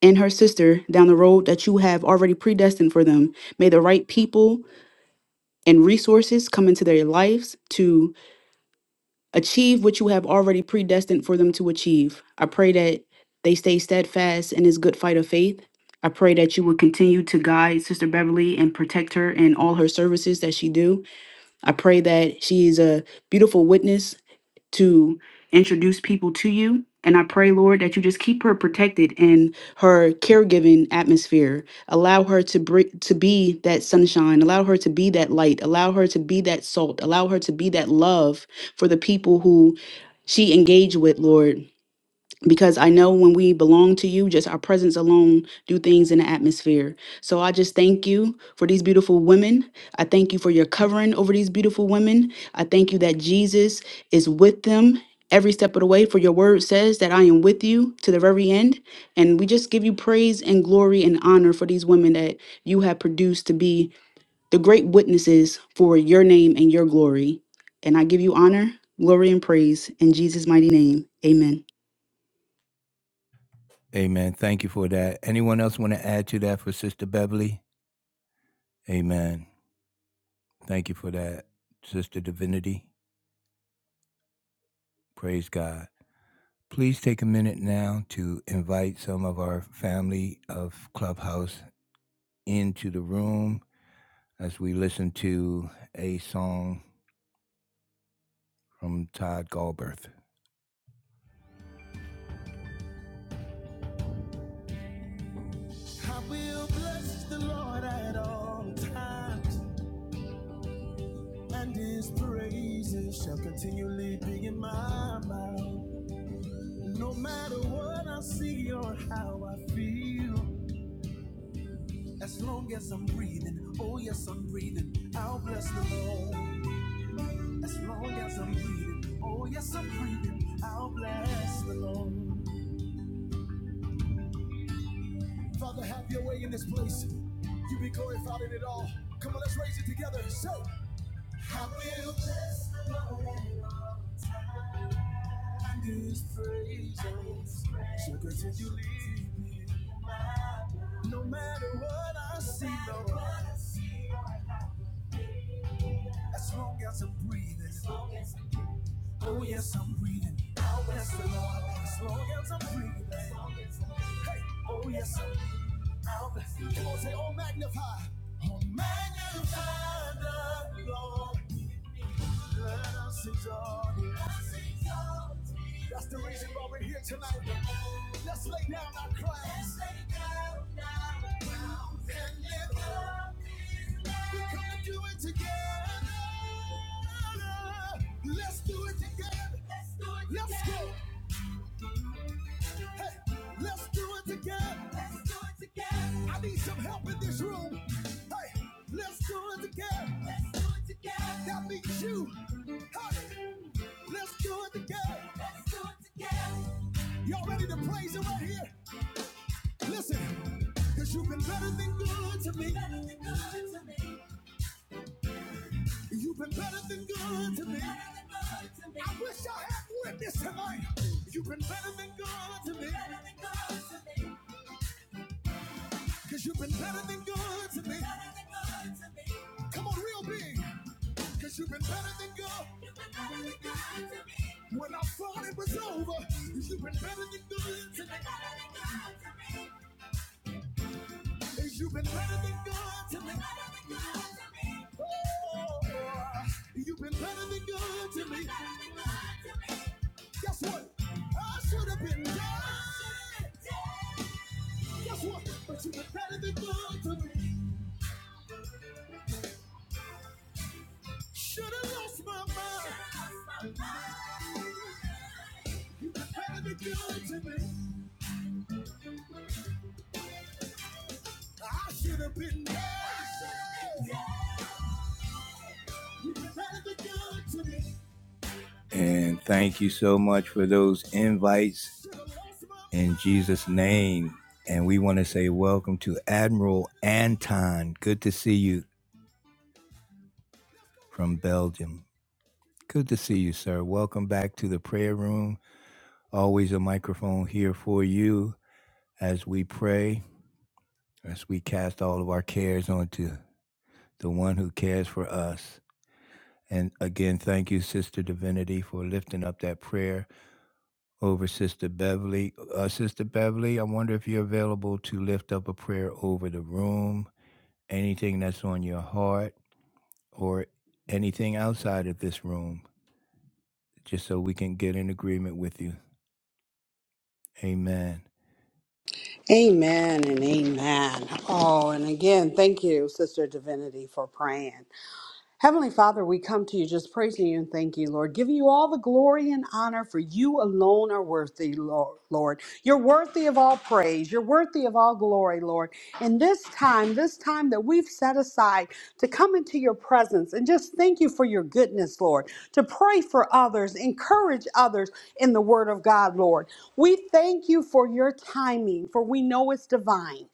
Speaker 2: and her sister down the road that you have already predestined for them. May the right people and resources come into their lives to achieve what you have already predestined for them to achieve. I pray that they stay steadfast in this good fight of faith. I pray that you will continue to guide Sister Beverly and protect her in all her services that she do. I pray that she is a beautiful witness to introduce people to you. And I pray, Lord, that you just keep her protected in her caregiving atmosphere. Allow her to br- to be that sunshine. Allow her to be that light. Allow her to be that salt. Allow her to be that love for the people who she engaged with, Lord because I know when we belong to you, just our presence alone do things in the atmosphere. So I just thank you for these beautiful women. I thank you for your covering over these beautiful women. I thank you that Jesus is with them every step of the way for your word says that I am with you to the very end and we just give you praise and glory and honor for these women that you have produced to be the great witnesses for your name and your glory. And I give you honor, glory and praise in Jesus mighty name. Amen.
Speaker 1: Amen. Thank you for that. Anyone else want to add to that for Sister Beverly? Amen. Thank you for that, Sister Divinity. Praise God. Please take a minute now to invite some of our family of Clubhouse into the room as we listen to a song from Todd Galberth. And thank you so much for those invites in Jesus' name. And we want to say welcome to Admiral Anton. Good to see you from Belgium. Good to see you, sir. Welcome back to the prayer room. Always a microphone here for you as we pray. as we cast all of our cares onto the one who cares for us. And again, thank you, Sister Divinity, for lifting up that prayer over Sister Beverly. Uh, Sister Beverly, I wonder if you're available to lift up a prayer over the room, anything that's on your heart, or anything outside of this room, just so we can get in agreement with you. Amen.
Speaker 4: Amen and amen. Oh, and again, thank you, Sister Divinity, for praying. Heavenly Father, we come to you just praising you and thanking you, Lord, giving you all the glory and honor for you alone are worthy, Lor- Lord. You're worthy of all praise. You're worthy of all glory, Lord. And this time, this time that we've set aside to come into your presence and just thank you for your goodness, Lord, to pray for others, encourage others in the word of God, Lord. We thank you for your timing, for we know it's divine.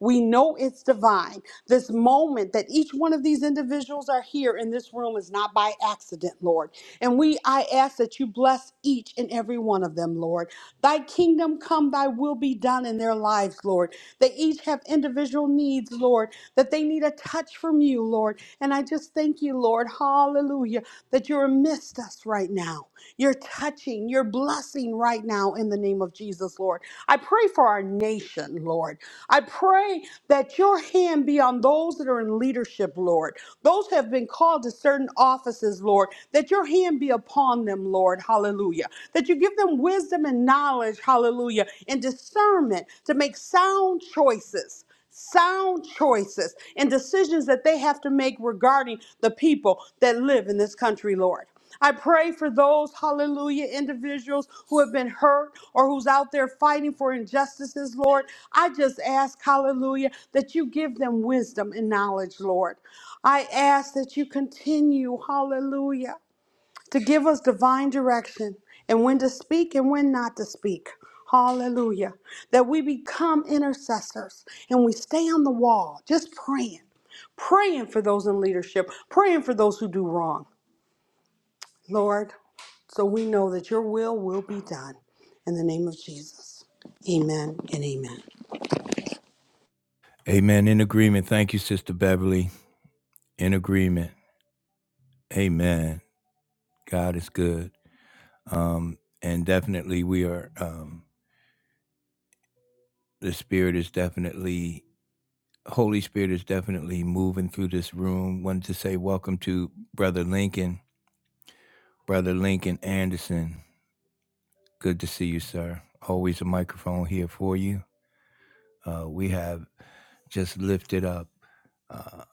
Speaker 4: We know it's divine. This moment that each one of these individuals are here in this room is not by accident, Lord. And we, I ask that you bless each and every one of them, Lord. Thy kingdom come, thy will be done in their lives, Lord. They each have individual needs, Lord, that they need a touch from you, Lord. And I just thank you, Lord, hallelujah, that you're amidst us right now. You're touching, you're blessing right now in the name of Jesus, Lord. I pray for our nation, Lord. I pray that your hand be on those that are in leadership, Lord. Those who have been called to certain offices, Lord, that your hand be upon them, Lord. Hallelujah. That you give them wisdom and knowledge, hallelujah, and discernment to make sound choices sound choices and decisions that they have to make regarding the people that live in this country, Lord. I pray for those, hallelujah, individuals who have been hurt or who's out there fighting for injustices, Lord. I just ask, hallelujah, that you give them wisdom and knowledge, Lord. I ask that you continue, hallelujah to give us divine direction and when to speak and when not to speak. Hallelujah. That we become intercessors and we stay on the wall just praying, praying for those in leadership, praying for those who do wrong. Lord, so we know that your will will be done. In the name of Jesus. Amen and amen.
Speaker 1: Amen. In agreement. Thank you, Sister Beverly. In agreement. Amen. God is good. um, and definitely we are um, the spirit is definitely holy spirit is definitely moving through this room wanted to say welcome to brother lincoln brother lincoln anderson good to see you sir always a microphone here for you uh, we have just lifted up uh,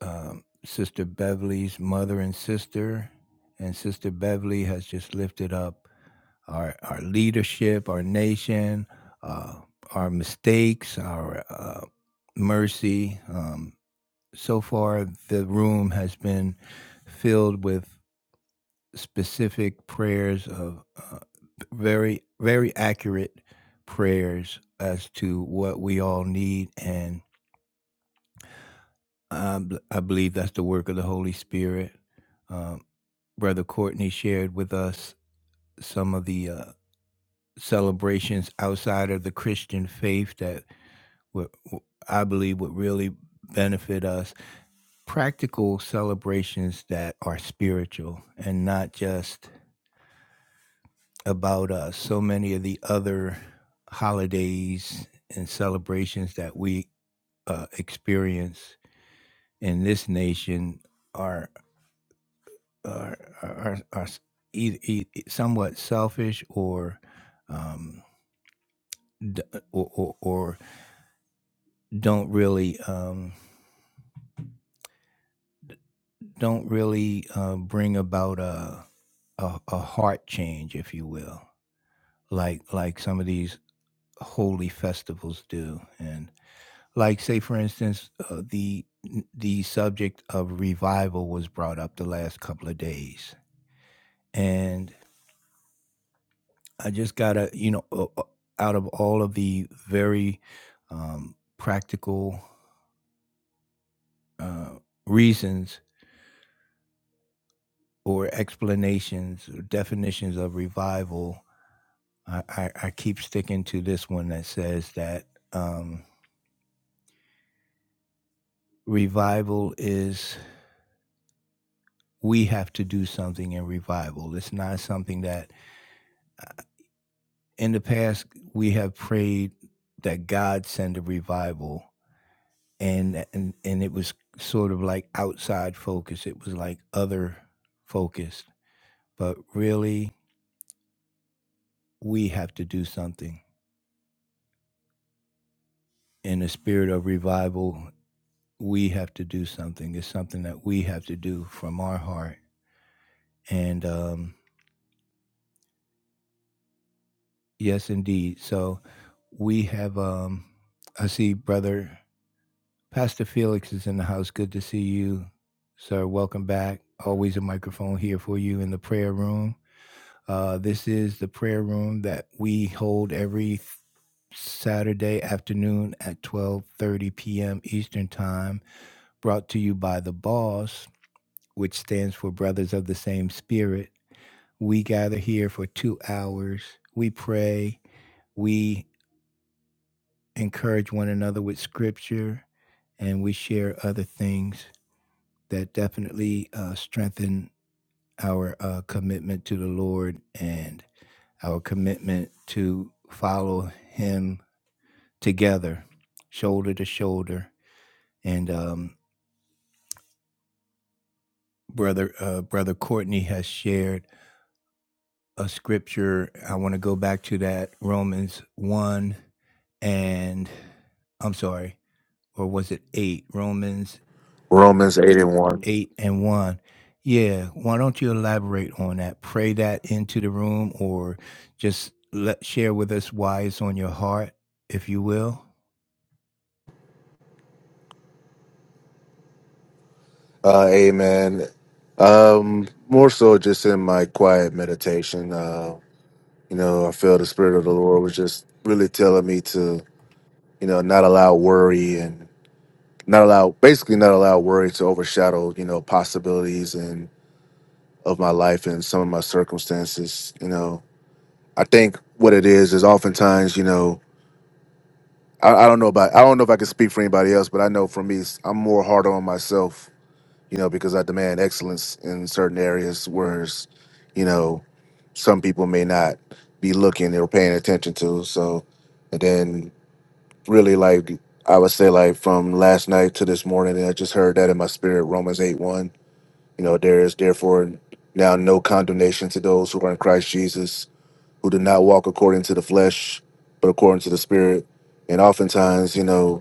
Speaker 1: um, sister beverly's mother and sister and sister beverly has just lifted up our our leadership, our nation, uh, our mistakes, our uh, mercy. Um, so far, the room has been filled with specific prayers of uh, very very accurate prayers as to what we all need, and I I believe that's the work of the Holy Spirit. Um, Brother Courtney shared with us some of the uh, celebrations outside of the Christian faith that would, w- I believe would really benefit us. Practical celebrations that are spiritual and not just about us. So many of the other holidays and celebrations that we uh, experience in this nation are are are, are either, either somewhat selfish or um, or, or, or don't really um, don't really uh, bring about a, a a heart change, if you will, like like some of these holy festivals do, and like say for instance uh, the the subject of revival was brought up the last couple of days, and I just gotta you know uh, uh, out of all of the very um, practical uh, reasons or explanations or definitions of revival I, I, I keep sticking to this one that says that um, revival is we have to do something in revival. It's not something that uh, in the past we have prayed that God send a revival, and and and it was sort of like outside focus. It was like other focused, but really we have to do something in the spirit of revival. We have to do something. It's something that we have to do from our heart And um, yes, indeed. So we have, um, I see brother Pastor Felix is in the house. Good to see you, sir. Welcome back. Always a microphone here for you in the prayer room. Uh, this is the prayer room that we hold every Saturday afternoon at 12:30 p.m. Eastern Time, brought to you by The Boss, which stands for Brothers of the Same Spirit. We gather here for 2 hours. We pray, We encourage one another with scripture, and we share other things that definitely uh, strengthen our uh, commitment to the Lord and our commitment to follow Him together, shoulder to shoulder. And um, brother, uh, brother Courtney has shared a scripture. I want to go back to that Romans one and I'm sorry, or was it eight? Romans
Speaker 3: Romans eight and one.
Speaker 1: 8 and 1. Yeah, why don't you elaborate on that? Pray that into the room or just let share with us why it's on your heart, if you will.
Speaker 3: Uh, amen. Um, more so just in my quiet meditation. Uh, you know, I feel the spirit of the Lord was just really telling me to, you know, not allow worry and not allow basically not allow worry to overshadow you know possibilities and of my life and some of my circumstances you know i think what it is is oftentimes you know i, I don't know about i don't know if i can speak for anybody else but i know for me s- i'm more hard on myself you know because i demand excellence in certain areas whereas you know some people may not be looking or paying attention to so and then really like i would say like from last night to this morning i just heard that in my spirit romans 8 1 You know, there is therefore now no condemnation to those who are in Christ Jesus, who do not walk according to the flesh, but according to the Spirit. And oftentimes, you know,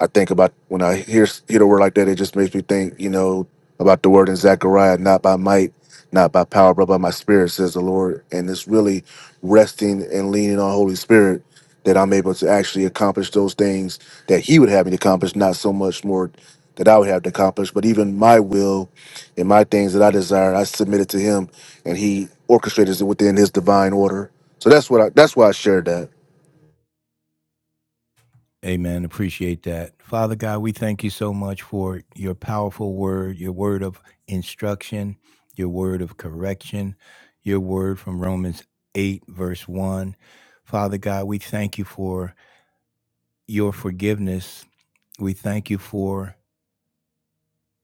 Speaker 3: I think about when I hear hear the word like that, it just makes me think, you know, about the word in Zechariah, not by might, not by power, but by my spirit, says the Lord. And it's really resting and leaning on Holy Spirit that I'm able to actually accomplish those things that He would have me to accomplish, not so much more that I would have to accomplish, but even my will and my things that I desire, I submit it to Him, and He orchestrates it within His divine order. So that's what I, that's why I shared that.
Speaker 1: Amen. Appreciate that. Father God, we thank you so much for your powerful word, your word of instruction, your word of correction, your word from Romans 8, verse 1. Father God, we thank you for your forgiveness. We thank you for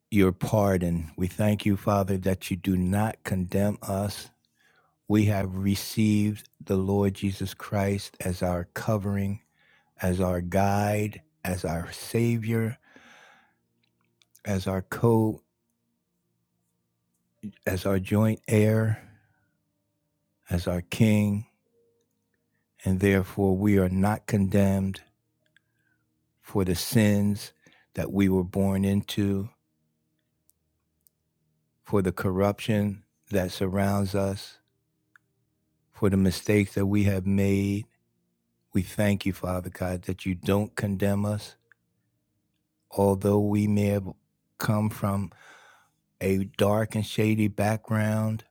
Speaker 1: your pardon. We thank you, Father, that you do not condemn us. We have received the Lord Jesus Christ as our covering, as our guide, as our Savior, as our co, as our joint heir, as our King, and therefore we are not condemned for the sins that we were born into, for the corruption that surrounds us, for the mistakes that we have made We thank you, Father God, that you don't condemn us, although we may have come from a dark and shady background.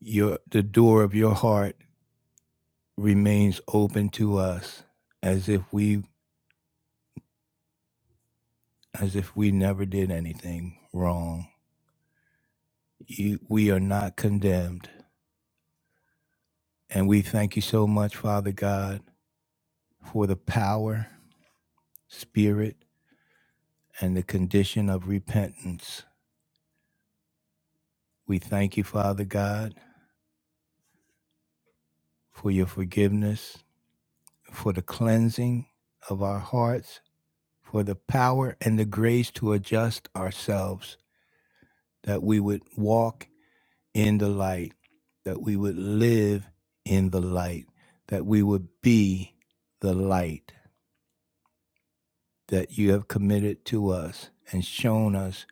Speaker 1: Your the door of your heart remains open to us, as if we as if we never did anything wrong. You, we are not condemned, and we thank you so much, Father God, for the power, spirit, and the condition of repentance. We thank you, Father God, for your forgiveness for the cleansing of our hearts, for the power and the grace to adjust ourselves, that we would walk in the light, that we would live in the light, that we would be the light that you have committed to us and shown us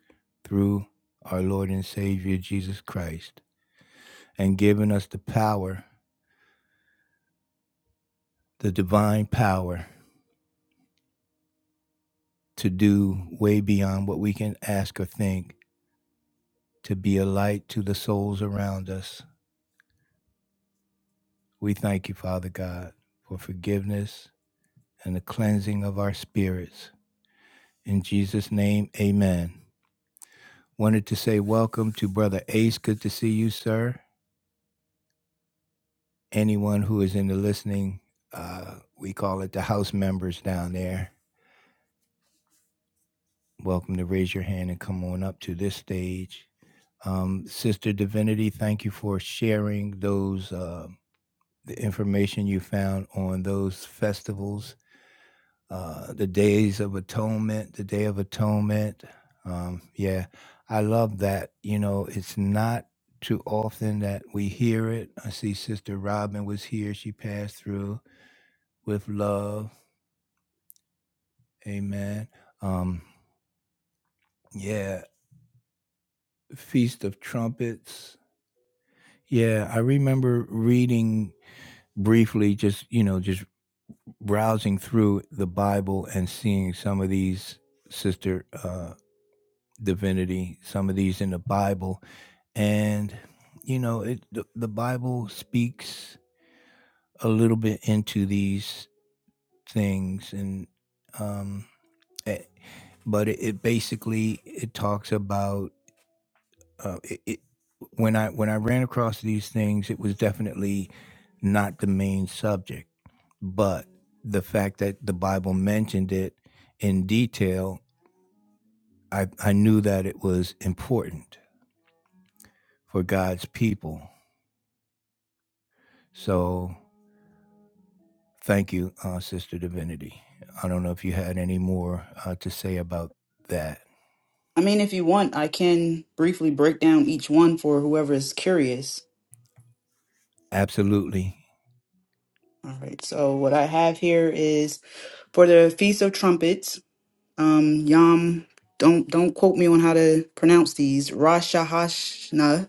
Speaker 1: through our Lord and Savior Jesus Christ, and given us the power, the divine power to do way beyond what we can ask or think to be a light to the souls around us. We thank you, Father God, for forgiveness and the cleansing of our spirits. In Jesus' name, amen. Wanted to say welcome to Brother Ace. Good to see you, sir. Anyone who is in the listening, uh, we call it the house members down there. Welcome to raise your hand and come on up to this stage. Um, Sister Divinity, thank you for sharing those uh, the information you found on those festivals uh, the Days of Atonement, the Day of Atonement. Um, yeah, I love that. You know, it's not too often that we hear it. I see Sister Robin was here. She passed through with love. Amen. Um, yeah, Feast of Trumpets. Yeah, I remember reading briefly, just, you know, just browsing through the Bible and seeing some of these, Sister uh, Divinity, some of these in the Bible and you know it the, the bible speaks a little bit into these things and um eh, but it, it basically it talks about uh, it, it when i when i ran across these things it was definitely not the main subject but the fact that the bible mentioned it in detail i i knew that it was important for god's people so Thank you, uh, Sister Divinity. I don't know if you had any more uh, to say about that.
Speaker 2: I mean, if you want, I can briefly break down each one for whoever is curious.
Speaker 1: Absolutely.
Speaker 2: All right, so what I have here is for the Feast of Trumpets, um, Yom, don't don't quote me on how to pronounce these, Rosh Hashanah.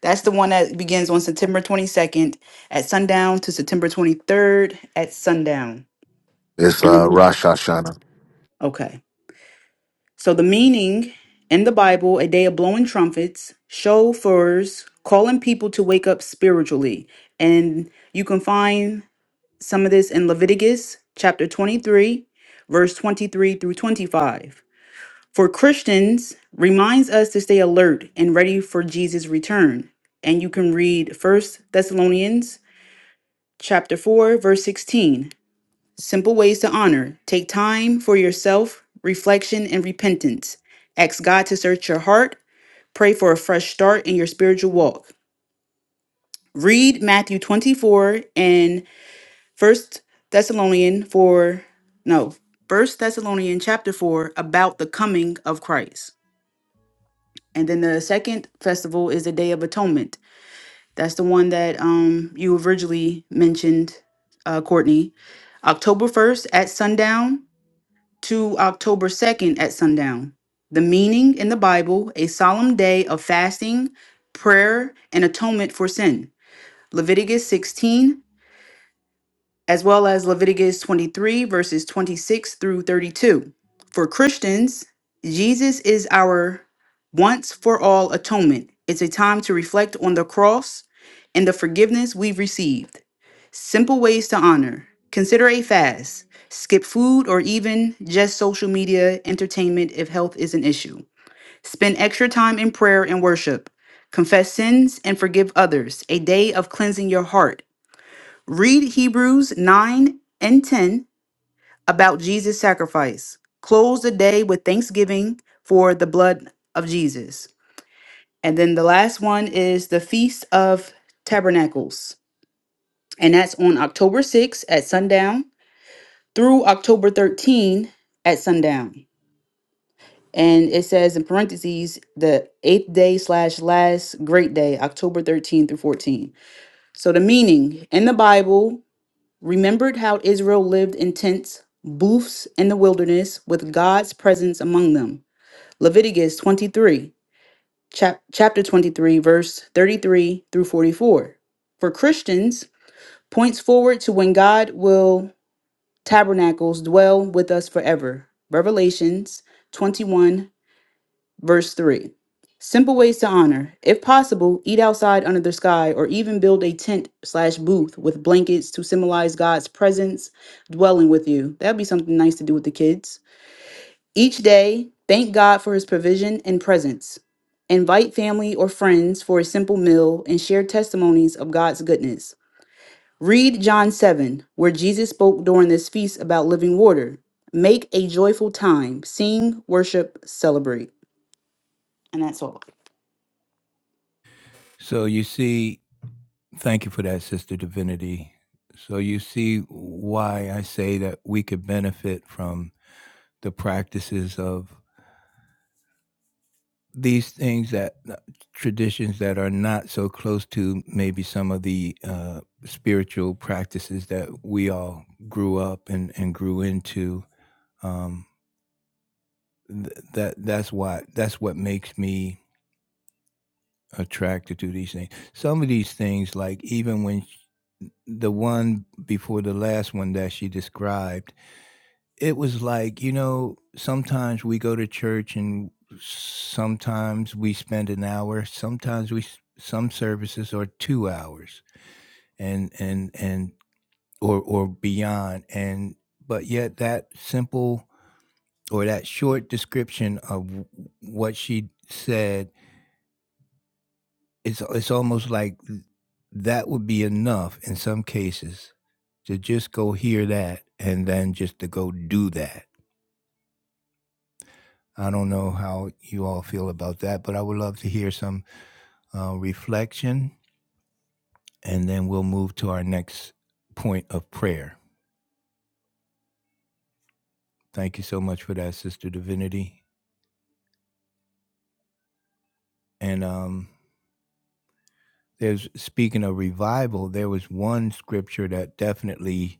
Speaker 2: That's the one that begins on September 22nd at sundown to September 23rd at sundown.
Speaker 3: It's
Speaker 2: And
Speaker 3: uh,
Speaker 2: then-
Speaker 3: Rosh Hashanah.
Speaker 2: Okay. So the meaning in the Bible, a day of blowing trumpets, shofars, calling people to wake up spiritually. And you can find some of this in Leviticus chapter 23, verse 23 through 25. For Christians, reminds us to stay alert and ready for Jesus' return. And you can read First Thessalonians chapter 4, verse 16. Simple ways to honor take time for yourself, reflection, and repentance. Ask God to search your heart. Pray for a fresh start in your spiritual walk. Read Matthew 24 and First Thessalonian for, no, First Thessalonian chapter 4 about the coming of Christ. And then the second festival is the Day of Atonement. That's the one that um, you originally mentioned, uh, Courtney. October 1st at sundown to October 2nd at sundown. The meaning in the Bible, a solemn day of fasting, prayer, and atonement for sin. Leviticus sixteen as well as Leviticus 23, verses 26 through 32. For Christians, Jesus is our once for all atonement. It's a time to reflect on the cross and the forgiveness we've received. Simple ways to honor. Consider a fast. Skip food or even just social media entertainment if health is an issue. Spend extra time in prayer and worship. Confess sins and forgive others. A day of cleansing your heart Read Hebrews 9 and 10 about Jesus' sacrifice. Close the day with thanksgiving for the blood of Jesus. And then the last one is the Feast of Tabernacles. And that's on October 6th at sundown through October 13 at sundown. And it says in parentheses, the eighth day slash last great day, October 13 through 14. So the meaning in the Bible remembered how Israel lived in tents, booths in the wilderness with God's presence among them. Leviticus 23, chap- chapter 23, verse 33 through 44. For Christians, points forward to when God will tabernacles dwell with us forever. Revelations 21. Verse 3 Simple ways to honor. If possible, eat outside under the sky or even build a tent slash booth with blankets to symbolize God's presence dwelling with you. That'd be something nice to do with the kids. Each day, thank God for his provision and presence. Invite family or friends for a simple meal and share testimonies of God's goodness. Read John 7, where Jesus spoke during this feast about living water. Make a joyful time. Sing, worship, celebrate. And that's all.
Speaker 1: So you see, thank you for that, Sister Divinity. So you see why I say that we could benefit from the practices of these things that uh, traditions that are not so close to maybe some of the uh, spiritual practices that we all grew up and, and grew into. Um, th- that that's why that's what makes me attracted to these things. Some of these things, like even when sh the one before the last one that she described, it was like you know sometimes we go to church and sometimes we spend an hour, sometimes we some services are two hours and and and or or beyond and but yet that simple or that short description of what she said it's it's almost like that would be enough in some cases to just go hear that and then just to go do that. I don't know how you all feel about that, but I would love to hear some uh, reflection and then we'll move to our next point of prayer. Thank you so much for that, Sister Divinity. And um, there's speaking of revival, there was one scripture that definitely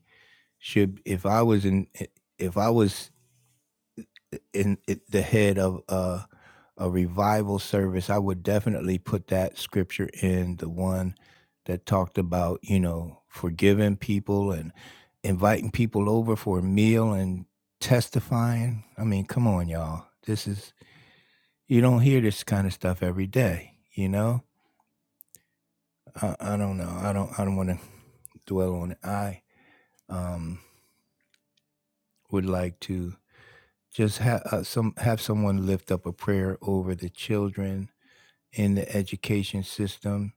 Speaker 1: should, if I was in, if I was in it, the head of uh, a revival service, I would definitely put that scripture in the one that talked about, you know, forgiving people and inviting people over for a meal and testifying. I mean, come on, y'all. This is you don't hear this kind of stuff every day, you know? I, I don't know. I don't I don't want to dwell on it. I um would like to just have uh, some have someone lift up a prayer over the children in the education system,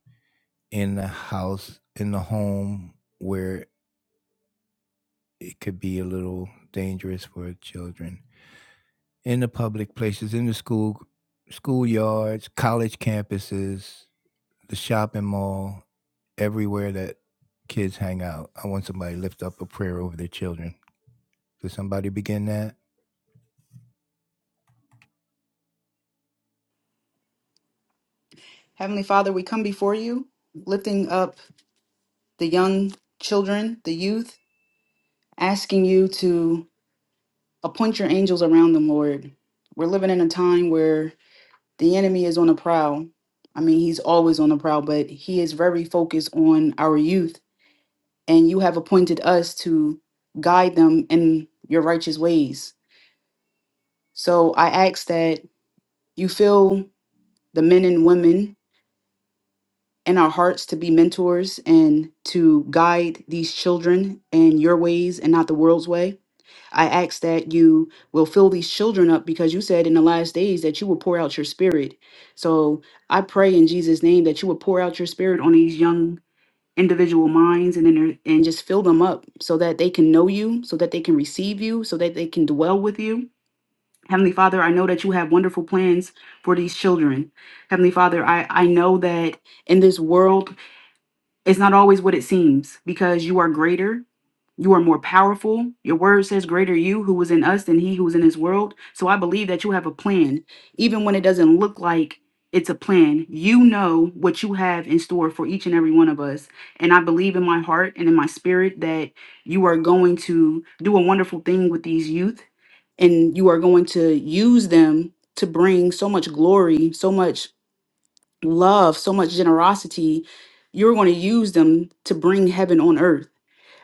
Speaker 1: in the house, in the home, where it could be a little dangerous for children, in the public places, in the school, schoolyards, college campuses, the shopping mall, everywhere that kids hang out. I want somebody to lift up a prayer over their children. Could somebody begin that?
Speaker 2: Heavenly Father, we come before you, lifting up the young children, the youth, asking you to appoint your angels around them, Lord. We're living in a time where the enemy is on a prowl. I mean, he's always on the prowl, but he is very focused on our youth, and you have appointed us to guide them in your righteous ways. So I ask that you fill the men and women in our hearts to be mentors and to guide these children in your ways and not the world's way. I ask that you will fill these children up because you said in the last days that you will pour out your spirit. So I pray in Jesus' name that you will pour out your spirit on these young individual minds and then and just fill them up so that they can know you, so that they can receive you, so that they can dwell with you. Heavenly Father, I know that you have wonderful plans for these children. Heavenly Father, I, I know that in this world it's not always what it seems because you are greater. You are more powerful. Your word says, Greater you who was in us than he who was in this world. So I believe that you have a plan, even when it doesn't look like it's a plan. You know what you have in store for each and every one of us. And I believe in my heart and in my spirit that you are going to do a wonderful thing with these youth and you are going to use them to bring so much glory, so much love, so much generosity, you're going to use them to bring heaven on earth.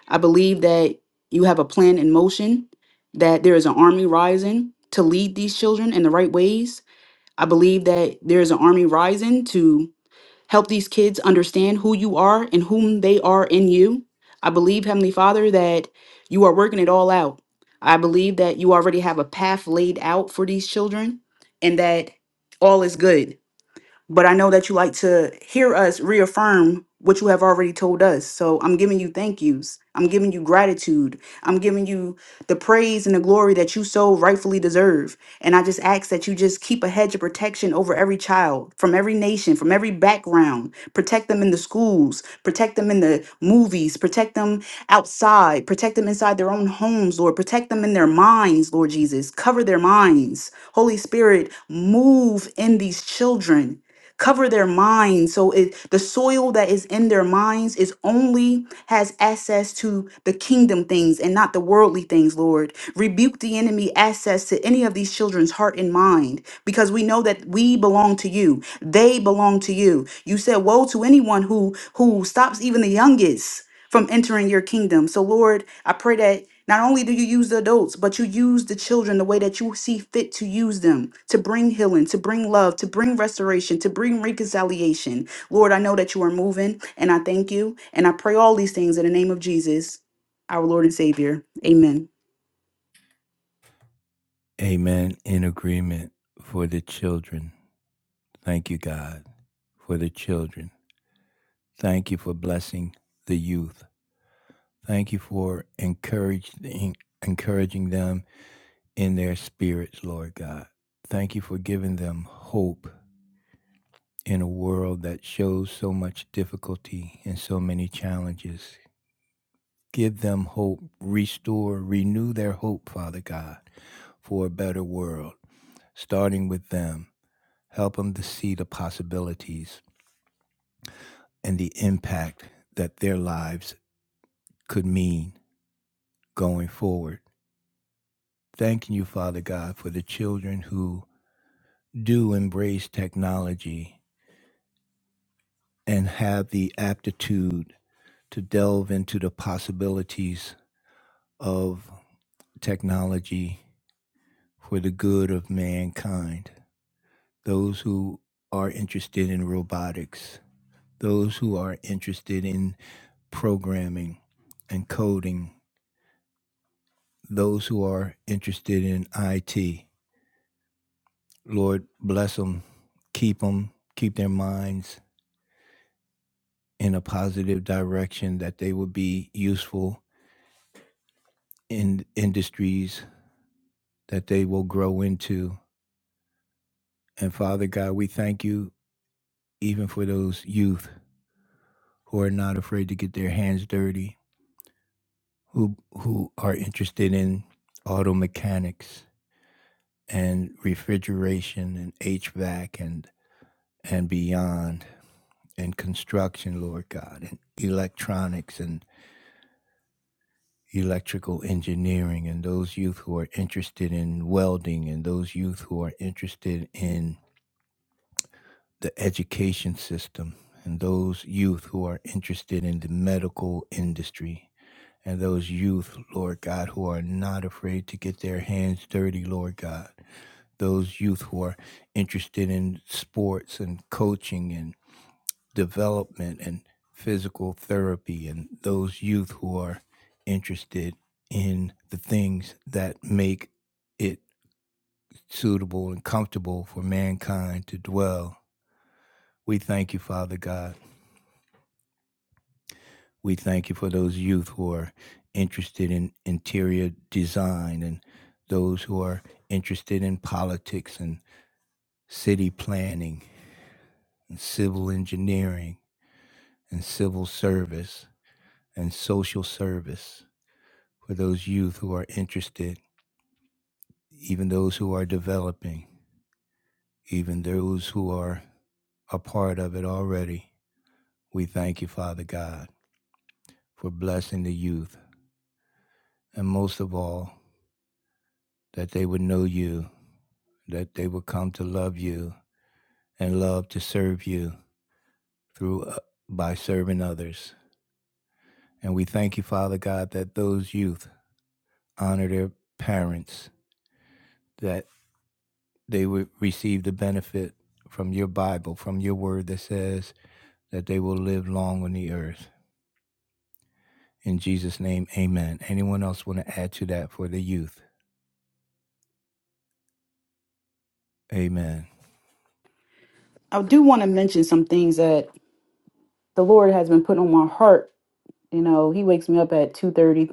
Speaker 2: I believe that you have a plan in motion, that there is an army rising to lead these children in the right ways. I believe that there is an army rising to help these kids understand who you are and whom they are in you. I believe, Heavenly Father, that you are working it all out. I believe that you already have a path laid out for these children and that all is good but I know that you like to hear us reaffirm what you have already told us. So I'm giving you thank yous. I'm giving you gratitude. I'm giving you the praise and the glory that you so rightfully deserve. And I just ask that you just keep a hedge of protection over every child from every nation, from every background. Protect them in the schools, protect them in the movies, protect them outside, protect them inside their own homes, Lord. Protect them in their minds, Lord Jesus. Cover their minds. Holy Spirit, move in these children cover their minds so it the soil that is in their minds is only has access to the kingdom things and not the worldly things lord rebuke the enemy access to any of these children's heart and mind because we know that we belong to you they belong to you you said woe to anyone who who stops even the youngest from entering your kingdom. So, Lord, I pray that not only do you use the adults, but you use the children the way that you see fit to use them to bring healing, to bring love, to bring restoration, to bring reconciliation. Lord, I know that you are moving and I thank you. And I pray all these things in the name of Jesus, our Lord and Savior. Amen.
Speaker 1: Amen. In agreement for the children. Thank you, God, for the children. Thank you for blessing the youth. Thank you for encouraging encouraging them in their spirits, Lord God. Thank you for giving them hope in a world that shows so much difficulty and so many challenges. Give them hope, restore, renew their hope, Father God, for a better world, starting with them. Help them to see the possibilities and the impact that their lives could mean going forward. Thanking you, Father God, for the children who do embrace technology and have the aptitude to delve into the possibilities of technology for the good of mankind. Those who are interested in robotics, those who are interested in programming and coding, those who are interested in IT, Lord bless them, keep them, keep their minds in a positive direction, that they will be useful in industries that they will grow into. And Father God, we thank you even for those youth who are not afraid to get their hands dirty, who who are interested in auto mechanics and refrigeration and HVAC and and beyond and construction, Lord God, and electronics and. electrical engineering and those youth who are interested in welding and those youth who are interested in the education system and those youth who are interested in the medical industry and those youth, Lord God, who are not afraid to get their hands dirty, Lord God. Those youth who are interested in sports and coaching and development and physical therapy and those youth who are interested in the things that make it suitable and comfortable for mankind to dwell. We thank you, Father God. We thank you for those youth who are interested in interior design and those who are interested in politics and city planning and civil engineering and civil service and social service for those youth who are interested, even those who are developing, even those who are a part of it already. We thank you, Father God, for blessing the youth. And most of all, that they would know you, that they would come to love you and love to serve you through uh, by serving others. And we thank you, Father God, that those youth honor their parents, that they would receive the benefit from your Bible, from your word that says, that they will live long on the earth. In Jesus' name, amen. Anyone else want to add to that for the youth? Amen.
Speaker 2: I do want to mention some things that the Lord has been putting on my heart. You know, He wakes me up at 2 30,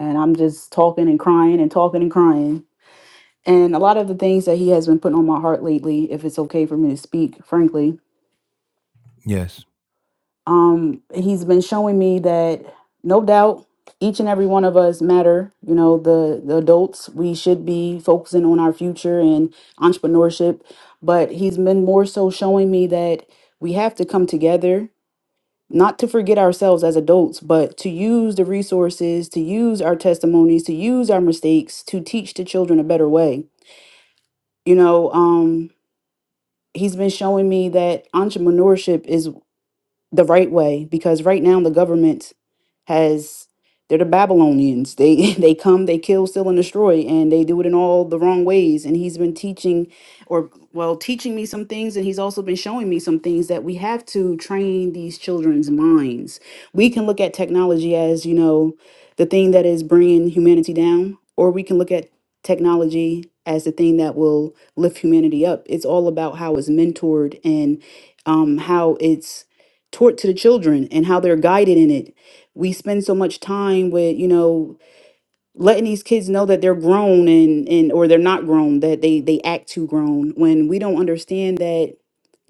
Speaker 2: and I'm just talking and crying and talking and crying and a lot of the things that he has been putting on my heart lately if it's okay for me to speak frankly
Speaker 1: Yes.
Speaker 2: um he's been showing me that no doubt each and every one of us matter you know the the adults we should be focusing on our future and entrepreneurship but he's been more so showing me that we have to come together not to forget ourselves as adults but to use the resources to use our testimonies to use our mistakes to teach the children a better way you know um, he's been showing me that entrepreneurship is the right way because right now the government has they're the Babylonians. They they come, they kill, steal, and destroy, and they do it in all the wrong ways. And he's been teaching, or well, teaching me some things, and he's also been showing me some things that we have to train these children's minds. We can look at technology as you know the thing that is bringing humanity down, or we can look at technology as the thing that will lift humanity up. It's all about how it's mentored and um, how it's taught to the children and how they're guided in it. We spend so much time with, you know, letting these kids know that they're grown and and or they're not grown, that they they act too grown when we don't understand that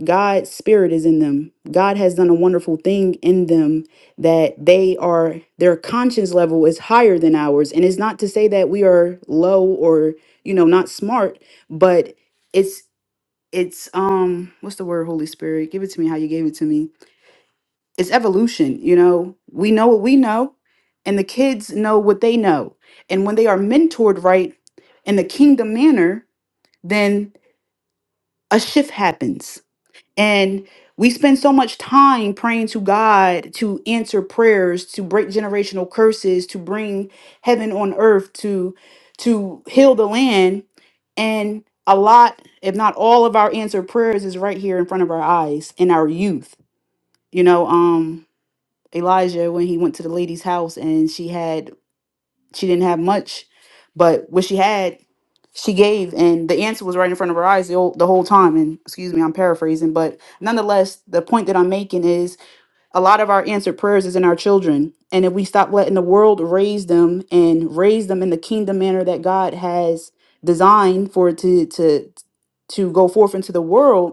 Speaker 2: God's spirit is in them. God has done a wonderful thing in them that they are their conscience level is higher than ours. And it's not to say that we are low or, you know, not smart, but it's it's um what's the word holy spirit give it to me how you gave it to me it's evolution you know we know what we know and the kids know what they know and when they are mentored right in the kingdom manner then a shift happens and we spend so much time praying to god to answer prayers to break generational curses to bring heaven on earth to to heal the land and a lot if not all of our answered prayers is right here in front of our eyes in our youth you know um Elijah when he went to the lady's house and she had she didn't have much, but what she had, she gave, and the answer was right in front of her eyes the whole, the whole time. And excuse me, I'm paraphrasing, but nonetheless, the point that I'm making is a lot of our answered prayers is in our children, and if we stop letting the world raise them and raise them in the kingdom manner that God has designed for it to to to go forth into the world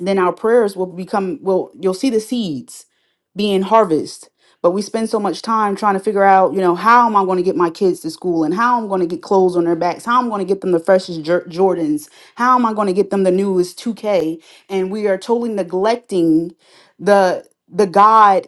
Speaker 2: then our prayers will become well. you'll see the seeds being harvested, but we spend so much time trying to figure out you know how am i going to get my kids to school and how i'm going to get clothes on their backs how i'm going to get them the freshest Jor- jordans how am i going to get them the newest 2k and we are totally neglecting the the god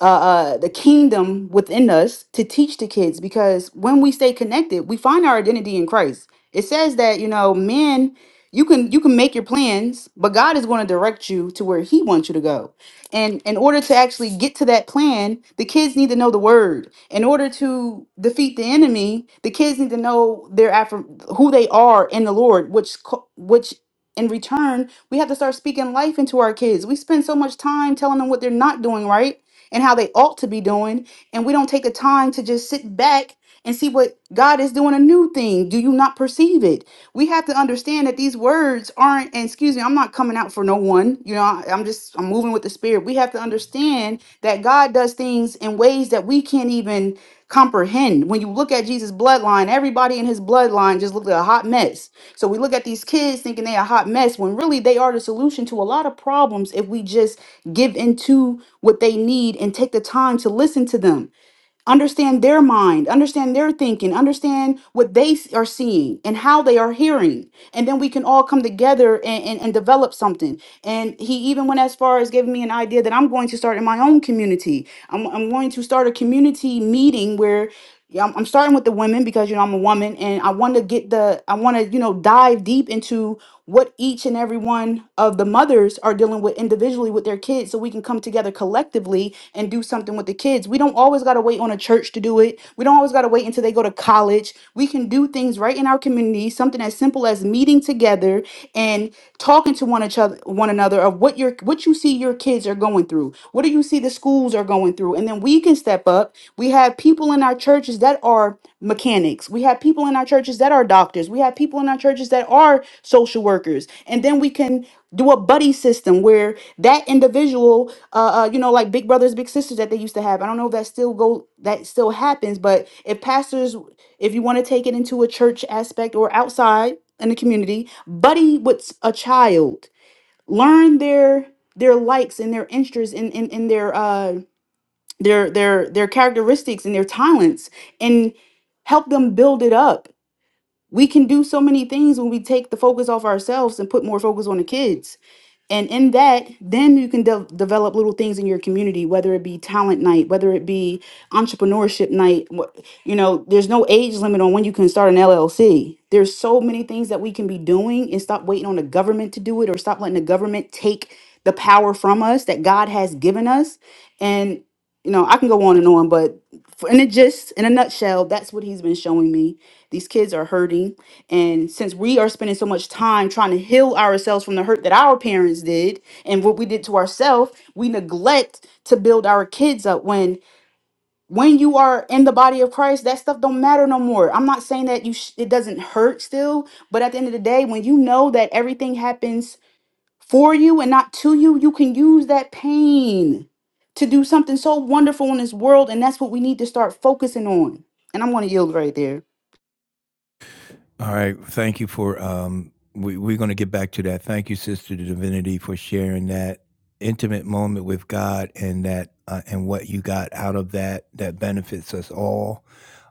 Speaker 2: uh, uh, the kingdom within us to teach the kids because when we stay connected, we find our identity in Christ. It says that you know, men, you can you can make your plans, but God is going to direct you to where He wants you to go. And in order to actually get to that plan, the kids need to know the Word. In order to defeat the enemy, the kids need to know their affirm- who they are in the Lord, which co- which in return we have to start speaking life into our kids. We spend so much time telling them what they're not doing right and how they ought to be doing. And we don't take the time to just sit back and see what God is doing a new thing. Do you not perceive it? We have to understand that these words aren't, and excuse me, I'm not coming out for no one. You know, I- I'm just, I'm moving with the spirit. We have to understand that God does things in ways that we can't even comprehend. When you look at Jesus' bloodline, everybody in his bloodline just looked like a hot mess. So we look at these kids thinking they a hot mess when really they are the solution to a lot of problems if we just give into what they need and take the time to listen to them understand their mind, understand their thinking, understand what they s- are seeing and how they are hearing. And then we can all come together and, and, and develop something. And he even went as far as giving me an idea that I'm going to start in my own community. I'm, I'm going to start a community meeting where yeah, I'm, I'm starting with the women because you know I'm a woman and I want to get the I want to you know dive deep into what each and every one of the mothers are dealing with individually with their kids so we can come together collectively and do something with the kids. We don't always got to wait on a church to do it. We don't always got to wait until they go to college. We can do things right in our community, something as simple as meeting together and talking to one each other one another of what your what you see your kids are going through. What do you see see the schools are going through. And then we can step up. We have people in our churches that are mechanics. We have people in our churches that are doctors. We have people in our churches that are social workers. And then we can do a buddy system where that individual, uh, uh, you know, like big brothers, big sisters that they used to have. I don't know if that still go that still happens, but if pastors, if you want to take it into a church aspect or outside in the community, buddy with s- a child learn their their likes and their interests and and, and their uh their their their characteristics and their talents and help them build it up we can do so many things when we take the focus off ourselves and put more focus on the kids and in that then you can de- develop little things in your community whether it be talent night whether it be entrepreneurship night wh- you know there's no age limit on when you can start an llc there's so many things that we can be doing and stop waiting on the government to do it or stop letting the government take the power from us that god has given us and you know i can go on and on but for, in a gist in a nutshell that's what he's been showing me these kids are hurting and since we are spending so much time trying to heal ourselves from the hurt that our parents did and what we did to ourselves, we neglect to build our kids up when when you are in the body of Christ, that stuff don't matter no more. I'm not saying that you sh- it doesn't hurt still, but at the end of the day, when you know that everything happens for you and not to you, you can use that pain to do something so wonderful in this world and that's what we need to start focusing on. And I'm going to yield right there.
Speaker 1: All right. Thank you for um we, we're gonna get back to that. Thank you, Sister Divinity, for sharing that intimate moment with God and that uh, and what you got out of that that benefits us all.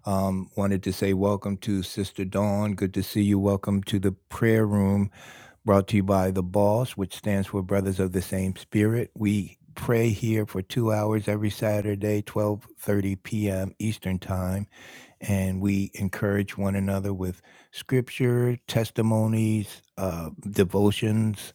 Speaker 1: Um, wanted to say welcome to Sister Dawn. Good to see you. Welcome to the prayer room brought to you by the BOSS, which stands for Brothers of the Same Spirit. We pray here for two hours every Saturday, 12:30 p.m. Eastern Time and we encourage one another with scripture, testimonies, uh, devotions,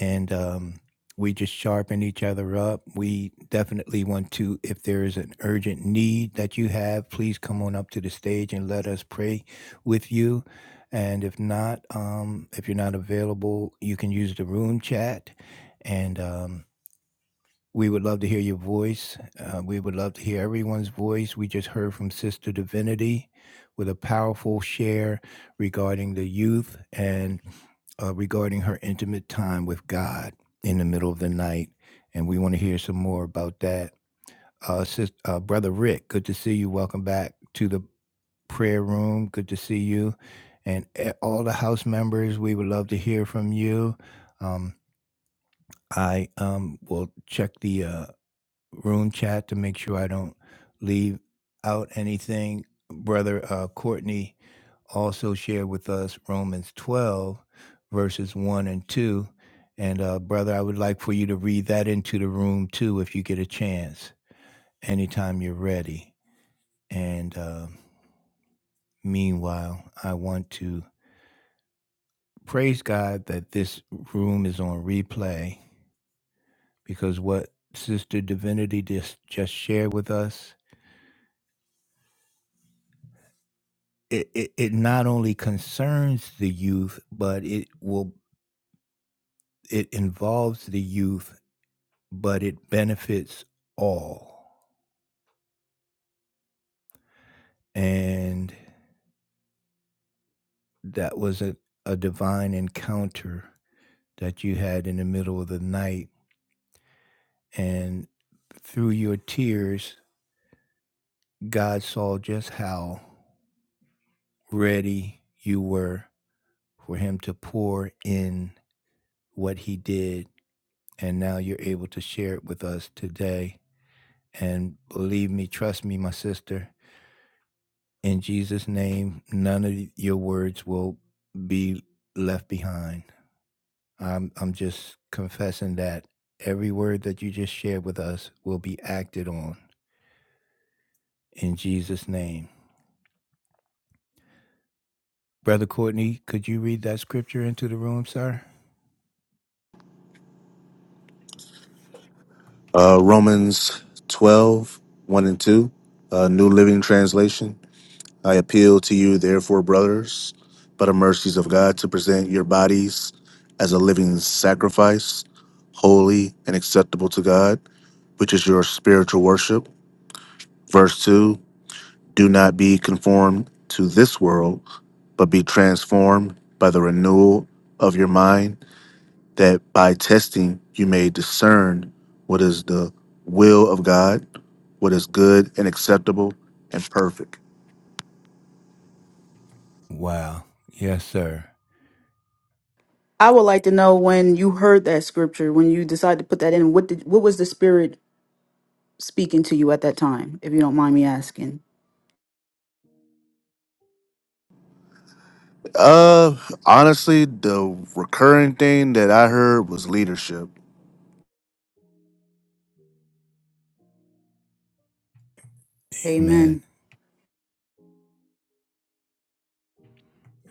Speaker 1: and um, we just sharpen each other up. We definitely want to, if there is an urgent need that you have, please come on up to the stage and let us pray with you. And if not, um, if you're not available, you can use the room chat. And um, we would love to hear your voice. Uh, we would love to hear everyone's voice. We just heard from Sister Divinity with a powerful share regarding the youth and uh, regarding her intimate time with God in the middle of the night. And we want to hear some more about that. Uh, sis, uh, Brother Rick, good to see you. Welcome back to the prayer room. Good to see you. And eh, all the house members, we would love to hear from you. Um, I um, will check the uh, room chat to make sure I don't leave out anything. Brother uh, Courtney also shared with us Romans 12, verses 1 and 2. And uh, brother, I would like for you to read that into the room too, if you get a chance, anytime you're ready. And uh, meanwhile, I want to praise God that this room is on replay because what Sister Divinity just, just shared with us it, it it not only concerns the youth, but it will it involves the youth, but it benefits all. And that was a, a divine encounter that you had in the middle of the night. And through your tears, God saw just how ready you were for him to pour in what he did. And now you're able to share it with us today. And believe me, trust me, my sister, in Jesus' name, none of your words will be left behind. I'm, I'm just confessing that every word that you just shared with us will be acted on in Jesus' name. Brother Courtney, could you read that scripture into the room, sir?
Speaker 3: Uh, Romans 12, one and 2, uh, New Living Translation. I appeal to you, therefore, brothers, by the mercies of God, to present your bodies as a living sacrifice, holy and acceptable to God, which is your spiritual worship. Verse 2 Do not be conformed to this world, but be transformed by the renewal of your mind, that by testing you may discern what is the will of God what is good and acceptable and perfect.
Speaker 1: Wow. Yes, sir.
Speaker 2: I would like to know when you heard that scripture, when you decided to put that in, what did what was the spirit speaking to you at that time, if you don't mind me asking?
Speaker 3: Uh, honestly, the recurring thing that I heard was leadership.
Speaker 1: Amen.
Speaker 2: Amen.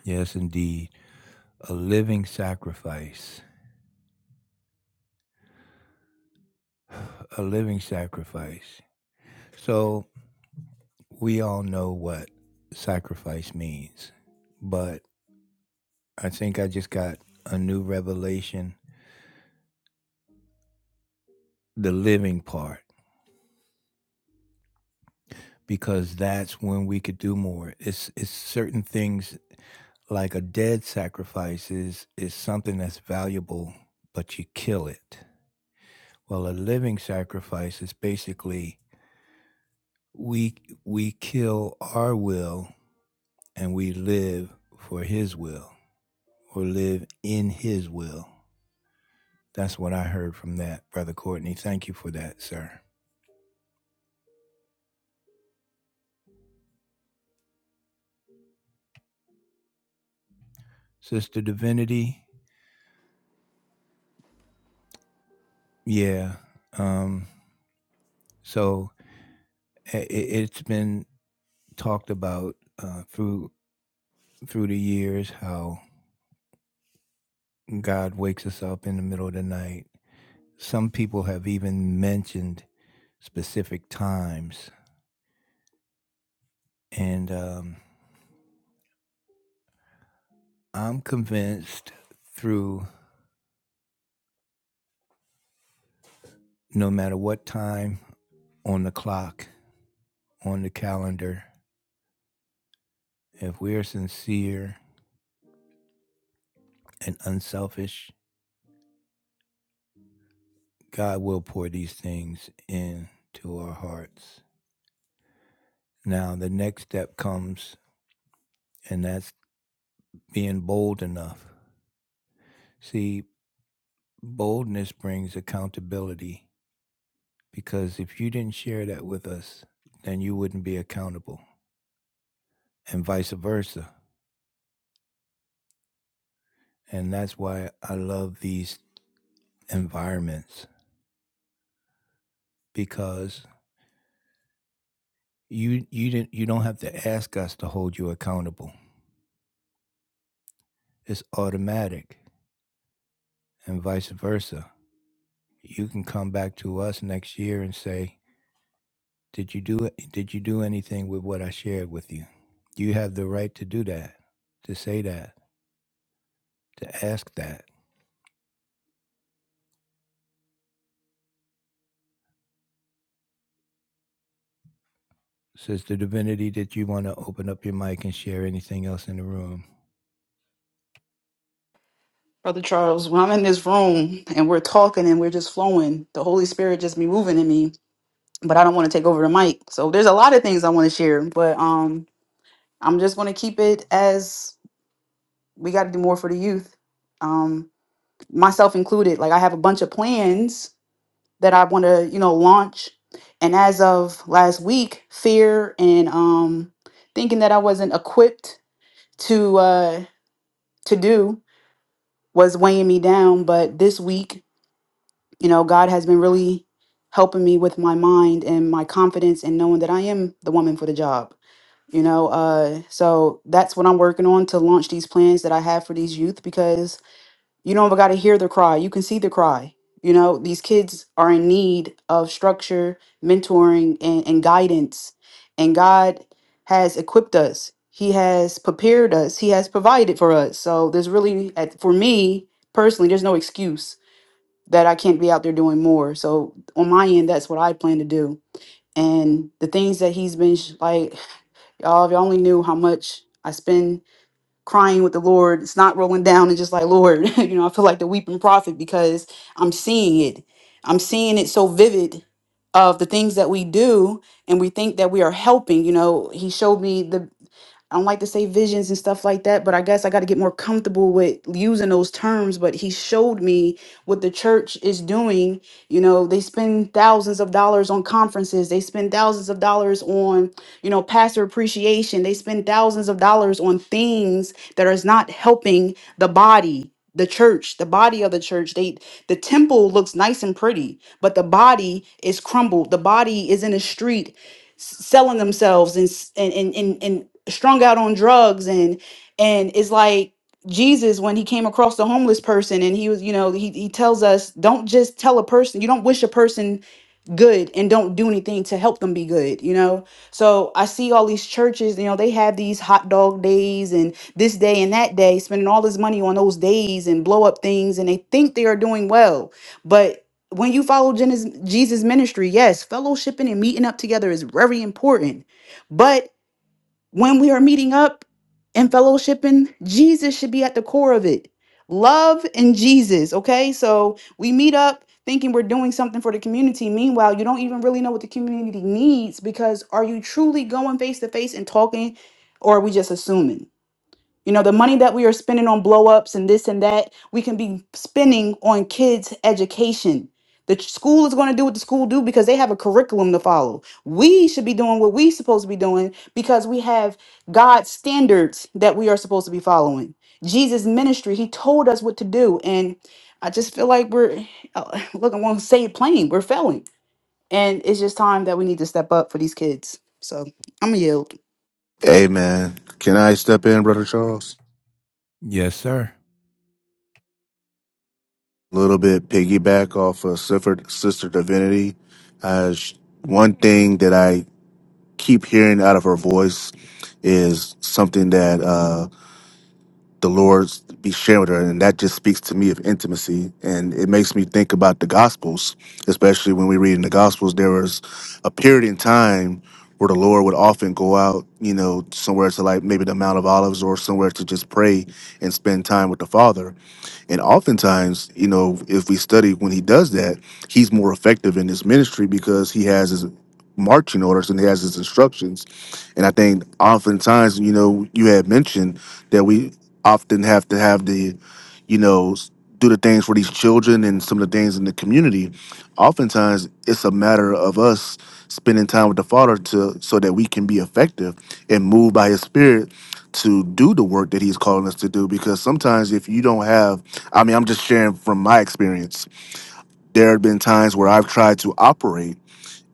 Speaker 1: Yes, indeed. A living sacrifice. A living sacrifice. So we all know what sacrifice means, but I think I just got a new revelation the living part because that's when we could do more. It's it's certain things like a dead sacrifice is is something that's valuable but you kill it. Well, a living sacrifice is basically we we kill our will and we live for his will or live in his will. That's what I heard from that, Brother Courtney. Thank you for that, sir. Sister Divinity, yeah. Um, so it, it's been talked about uh, through through the years how God wakes us up in the middle of the night. Some people have even mentioned specific times, and um, I'm convinced through no matter what time on the clock, on the calendar, if we're sincere and unselfish, God will pour these things into our hearts. Now, the next step comes, and that's being bold enough. See, boldness brings accountability because if you didn't share that with us, then you wouldn't be accountable, and vice versa. And that's why I love these environments because you you didn't you don't have to ask us to hold you accountable. It's automatic, and vice versa. you can come back to us next year and say, "Did you do it? Did you do anything with what I shared with you?" You have the right to do that, to say that, to ask that. Sister Divinity, did you want to open up your mic and share anything else in the room?
Speaker 2: Brother Charles, when I'm in this room and we're talking and we're just flowing, the Holy Spirit just be moving in me, but I don't want to take over the mic. So there's a lot of things I want to share, but um I'm just gonna keep it as we gotta do more for the youth. Um myself included. Like I have a bunch of plans that I want to, you know, launch. And as of last week, fear and um, thinking that I wasn't equipped to uh, to do was weighing me down. But this week, you know, God has been really helping me with my mind and my confidence and knowing that I am the woman for the job. You know, uh, so that's what I'm working on to launch these plans that I have for these youth because you don't got to hear the cry. You can see the cry. You know, these kids are in need of structure, mentoring, and, and guidance. And God has equipped us, He has prepared us, He has provided for us. So there's really, at- for me personally, there's no excuse that I can't be out there doing more. So on my end, that's what I plan to do. And the things that He's been sh- like, y'all, if y'all only knew how much I spend crying with the Lord. It's not rolling down and just like, Lord, you know, I feel like the weeping prophet because I'm seeing it. I'm seeing it so vivid of the things that we do and we think that we are helping. You know, he showed me the I don't like to say visions and stuff like that, but I guess I got to get more comfortable with using those terms. But he showed me what the church is doing. You know, they spend thousands of dollars on conferences, they spend thousands of dollars on, you know, pastor appreciation, they spend thousands of dollars on things that is not helping the body the church the body of the church they the temple looks nice and pretty but the body is crumbled the body is in the street s- selling themselves and s- and and and, and strung out on drugs and and it's like Jesus when he came across the homeless person and he was you know he he tells us don't just tell a person you don't wish a person good and don't do anything to help them be good, you know? So I see all these churches, you know, they have these hot dog days and this day and that day, spending all this money on those days and blow up things, and they think they are doing well. But when you follow Jen- Jesus' ministry, yes, fellowshipping and meeting up together is very important. But when we are meeting up and fellowshipping, Jesus should be at the core of it. Love and Jesus, okay? So we meet up thinking we're doing something for the community. Meanwhile, you don't even really know what the community needs because are you truly going face to face and talking or are we just assuming? You know, the money that we are spending on blow ups and this and that, we can be spending on kids' education. The ch- school is going to do what the school do because they have a curriculum to follow. We should be doing what we supposed to be doing because we have God's standards that we are supposed to be following. Jesus' ministry, he told us what to do. And I just feel like we're, uh, look, I want to say it plain, we're failing. And it's just time that we need to step up for these kids. So I'm going to yield.
Speaker 3: Hey, man, can I step in, Brother Charles?
Speaker 1: Yes, sir.
Speaker 3: A little bit piggyback off of Sister, Sister Divinity. Uh, sh- one thing that I keep hearing out of her voice is something that uh, the Lord's be sharing with her. And that just speaks to me of intimacy. And it makes me think about the Gospels, especially when we read in the Gospels, there was a period in time where the Lord would often go out, you know, somewhere to like maybe the Mount of Olives or somewhere to just pray and spend time with the Father. And oftentimes, you know, if we study when he does that, he's more effective in his ministry because he has his marching orders and he has his instructions and I think oftentimes, you know, you had mentioned that we often have to have the, you know, s- do the things for these children and some of the things in the community. Oftentimes, it's a matter of us spending time with the Father to so that we can be effective and moved by His Spirit to do the work that He's calling us to do. Because sometimes, if you don't have, I mean, I'm just sharing from my experience. There have been times where I've tried to operate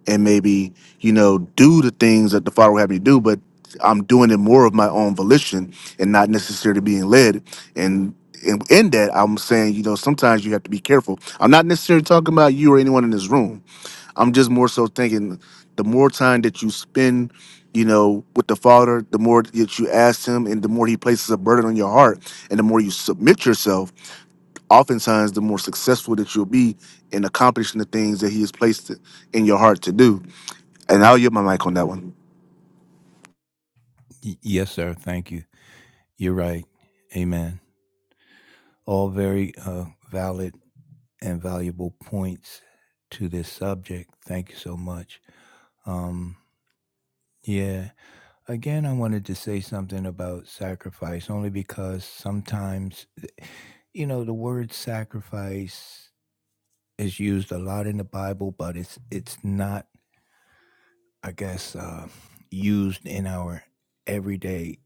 Speaker 3: and maybe you know do the things that the father would have me do but i'm doing it more of my own volition and not necessarily being led and and in that i'm saying you know sometimes you have to be careful i'm not necessarily talking about you or anyone in this room i'm just more so thinking the more time that you spend you know with the father the more that you ask him and the more he places a burden on your heart and the more you submit yourself oftentimes the more successful that you'll be in accomplishing the things that he has placed in your heart to do and I'll yield my mic on that one.
Speaker 1: Y- yes, sir. Thank you. You're right. Amen. All very uh, valid and valuable points to this subject. Thank you so much. Um, yeah. Again, I wanted to say something about sacrifice only because sometimes, you know, the word sacrifice is used a lot in the Bible, but it's it's not, I guess, uh, used in our everyday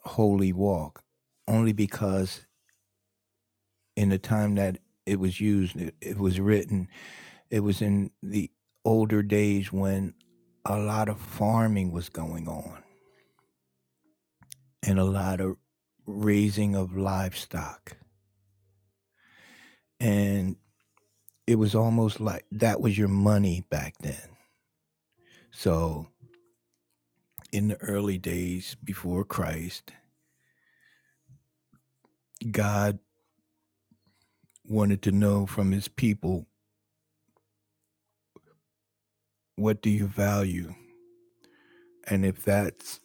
Speaker 1: holy walk. Only because in the time that it was used, it, it was written, it was in the older days when a lot of farming was going on and a lot of raising of livestock and it was almost like that was your money back then. So, in the early days before Christ, God wanted to know from his people, what do you value? And if that's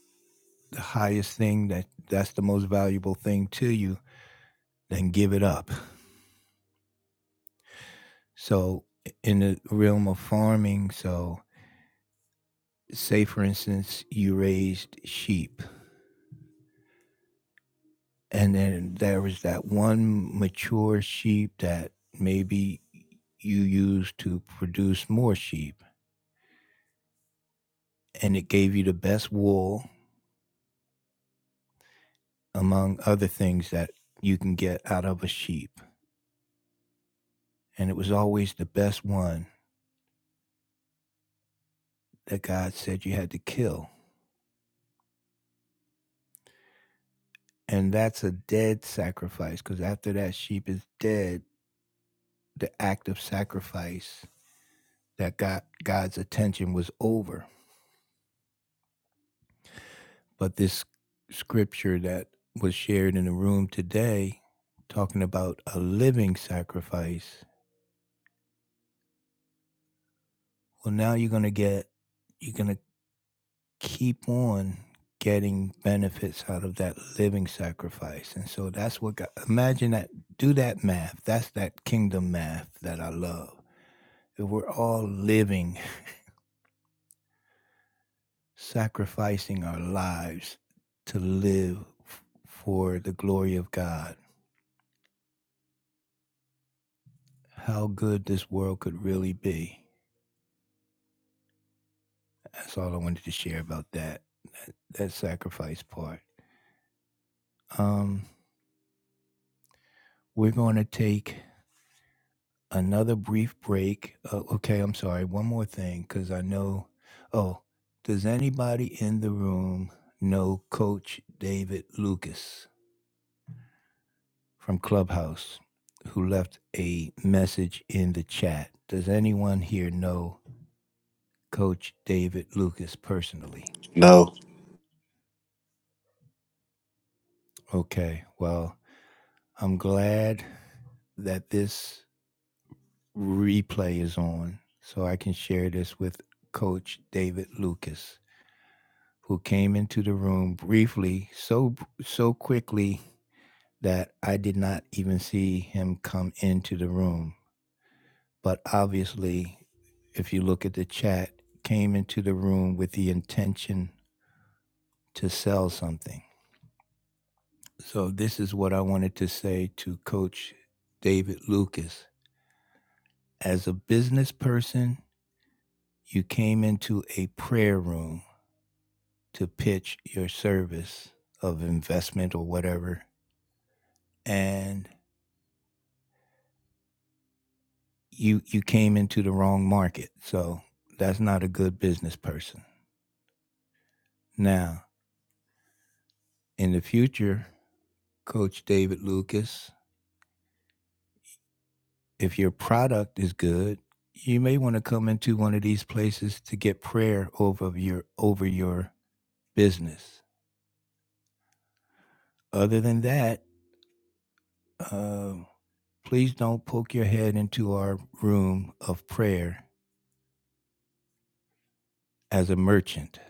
Speaker 1: the highest thing that that's the most valuable thing to you, then give it up. So, in the realm of farming, so say for instance, you raised sheep And then there was that one mature sheep that maybe you used to produce more sheep. And it gave you the best wool among other things that you can get out of a sheep. And it was always the best one that God said you had to kill. And that's a dead sacrifice because after that sheep is dead, the act of sacrifice that got God's attention was over But this scripture that was shared in the room today, talking about a living sacrifice, well, now you're going to get, you're going to keep on getting benefits out of that living sacrifice. And so that's what, God, imagine that, do that math. That's that kingdom math that I love. If we're all living, sacrificing our lives to live for the glory of God, how good this world could really be. That's all I wanted to share about that that, that sacrifice part. Um, we're going to take another brief break. Uh, okay, I'm sorry. One more thing, because I know. Oh, does anybody in the room know Coach David Lucas from Clubhouse, who left a message in the chat? Does anyone here know Coach David Lucas personally?
Speaker 3: No.
Speaker 1: Okay, well, I'm glad that this replay is on, so I can share this with Coach David Lucas, who came into the room briefly, so so quickly that I did not even see him come into the room. But obviously, if you look at the chat, came into the room with the intention to sell something. So this is what I wanted to say to Coach David Lucas. As a business person, you came into a prayer room to pitch your service of investment or whatever and you you came into the wrong market so that's not a good business person now in the future coach david lucas if your product is good you may want to come into one of these places to get prayer over your over your business other than that uh, please don't poke your head into our room of prayer as a merchant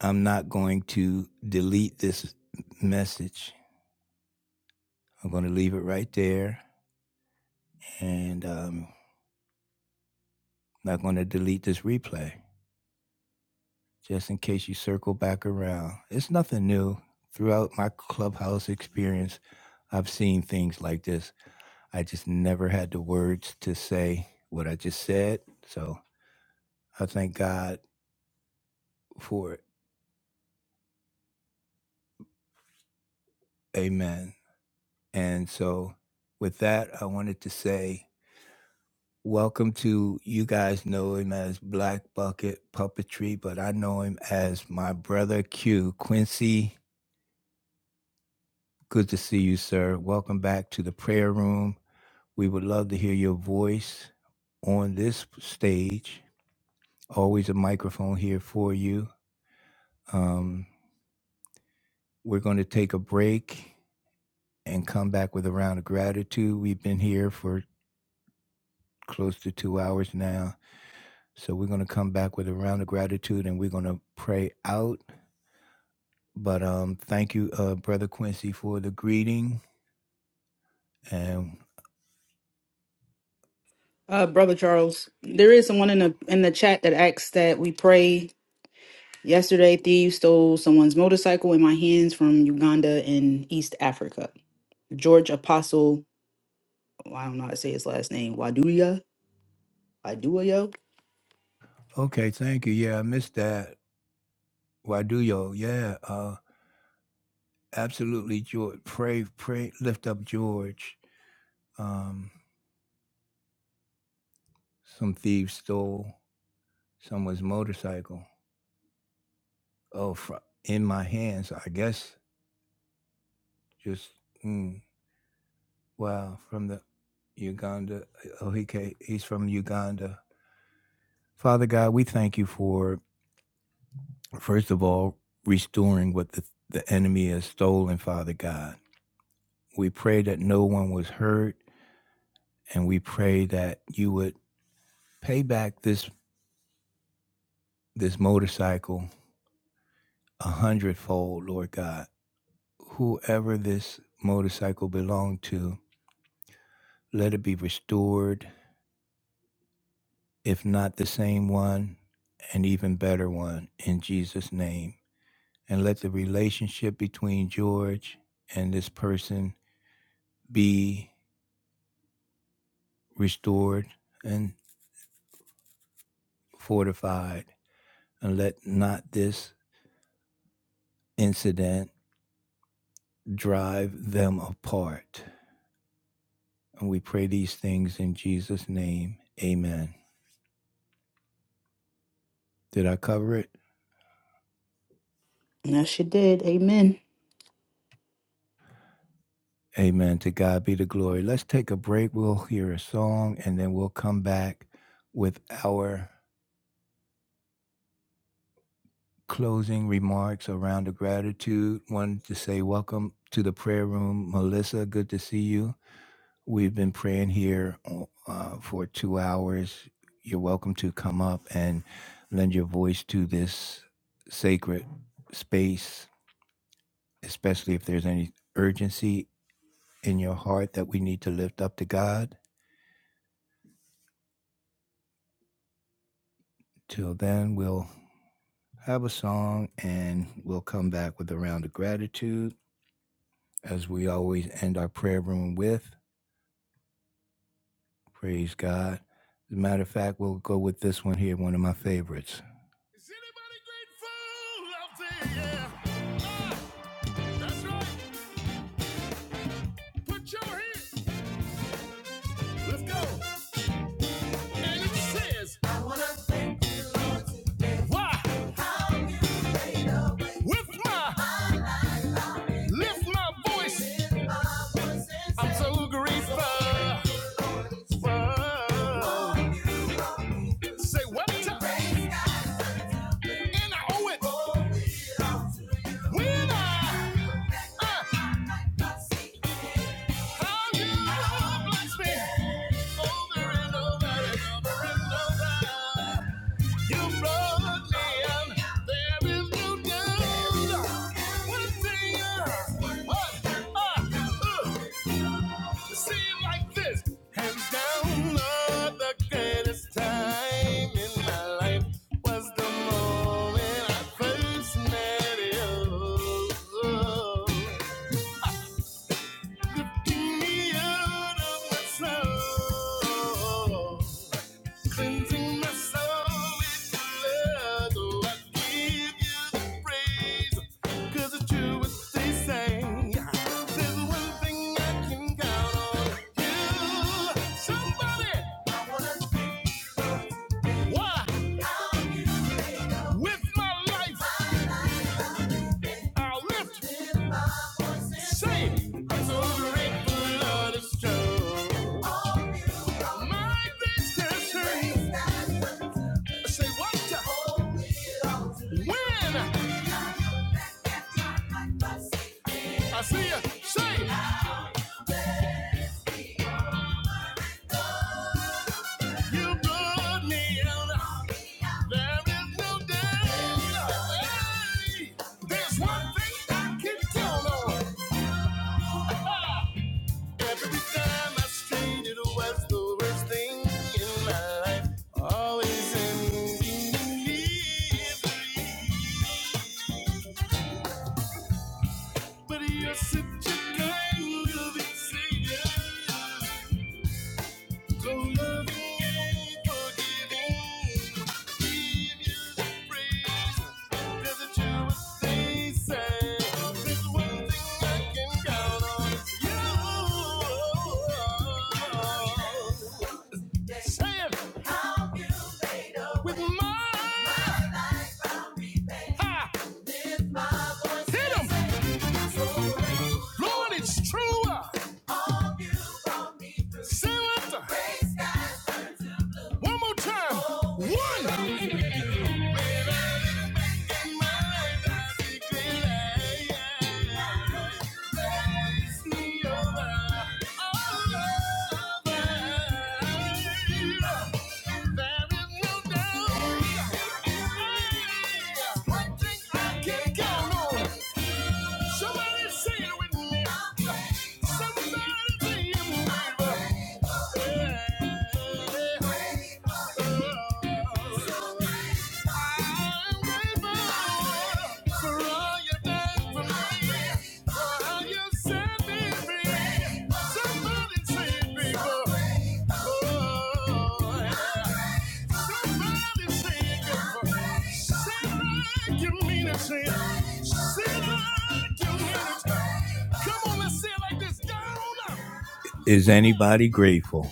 Speaker 1: I'm not going to delete this message. I'm going to leave it right there and um, I'm not going to delete this replay just in case you circle back around. It's nothing new. Throughout my clubhouse experience, I've seen things like this. I just never had the words to say what I just said. So I thank God for it. Amen. And so, with that, I wanted to say, Welcome to you guys know him as Black Bucket Puppetry, but I know him as my brother Q Quincy. Good to see you, sir. Welcome back to the prayer room. We would love to hear your voice on this stage. Always a microphone here for you. Um, we're going to take a break and come back with a round of gratitude. We've been here for close to two hours now. So we're going to come back with a round of gratitude and we're going to pray out But um, thank you, uh, Brother Quincy, for the greeting. And
Speaker 2: Uh, Brother Charles, there is someone in the in the chat that asked that we pray. Yesterday, thieves stole someone's motorcycle in my hands from Uganda in East Africa. George Apostle, oh, I don't know how to say his last name, Waduya, Waduyo.
Speaker 1: okay, thank you. Yeah, I missed that. Waduyo, yeah, uh, absolutely, George. Pray, pray, lift up George. Um, some thieves stole someone's motorcycle. Oh, fr- in my hands, I guess. Just mm, Wow, from the Uganda. Oh, he came, he's from Uganda. Father God, we thank you for, first of all, restoring what the, the enemy has stolen, Father God. We pray that no one was hurt, and we pray that you would pay back this, this motorcycle a hundredfold, Lord God. Whoever this motorcycle belonged to, let it be restored, if not the same one, an even better one, in Jesus' name. and let the relationship between George and this person be restored and fortified, and let not this incident drive them apart. And we pray these things in Jesus' name. Amen. Did I cover it?
Speaker 2: Yes, you did. Amen.
Speaker 1: Amen. To God be the glory. Let's take a break. We'll hear a song and then we'll come back with our closing remarks around the gratitude. Wanted to say welcome to the prayer room, Melissa. Good to see you. We've been praying here uh, for two hours. You're welcome to come up and lend your voice to this sacred space, especially if there's any urgency in your heart that we need to lift up to God. Till then, we'll have a song and we'll come back with a round of gratitude as we always end our prayer room with. Praise God. As a matter of fact, we'll go with this one here, one of my favorites. Yeah, that's right. Put your hands. Let's go. And it says, Why? With my lift my voice. I'm so grateful. For- Say what? And I owe it. When I uh, found you, bless me. Over and over and over and over. You brought me out. There is no doubt. One thing I want, I uh, see it like this. Hands down, the greatest time in my life was the moment I first met you. Lifting me out of my soul. Cleansing my soul with your love. Oh, I give you the praise. 'Cause it's true what they say. There's one thing I can count on. You, somebody. Why? With my life, I'll lift, say, I'm so grateful, Lord, it's true. My grace is free. Say what? When I see you, say, you brought me out. There is no day. There's one thing I can count on. Every time I strained, it was the worst thing in my life. Always ending in me. But you're such a kind loving savior. So loving and forgiving, give you the praise. Doesn't you they say? There's one thing I can count on, you. Say it with my ha, hit 'em. Lord, it's true. Say it one more time. One. One thing I can't count on. Somebody say it with me. Somebody say it with me. I'm grateful for all you've done for me, for all you have said. Is anybody grateful?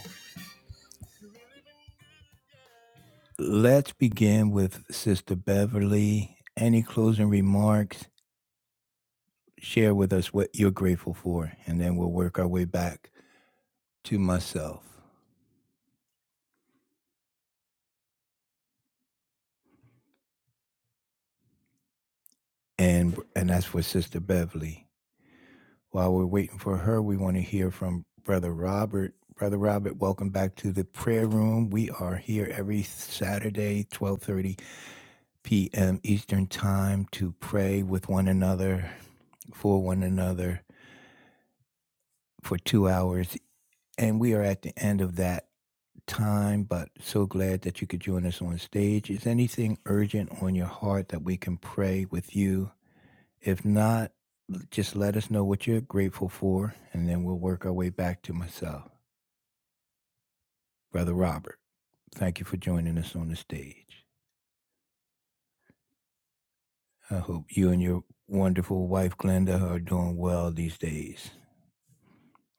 Speaker 1: Let's begin with Sister Beverly. Any closing remarks? Share with us what you're grateful for, and then we'll work our way back to myself. and and that's for Sister Beverly. While we're waiting for her, we want to hear from Brother Robert. Brother Robert, welcome back to the prayer room. We are here every Saturday, 12:30 p.m. Eastern Time to pray with one another, for one another for 2 hours, and we are at the end of that time, but so glad that you could join us on stage. Is anything urgent on your heart that we can pray with you? If not, l- just let us know what you're grateful for, and then we'll work our way back to myself. Brother Robert, thank you for joining us on the stage. I hope you and your wonderful wife, Glenda, are doing well these days.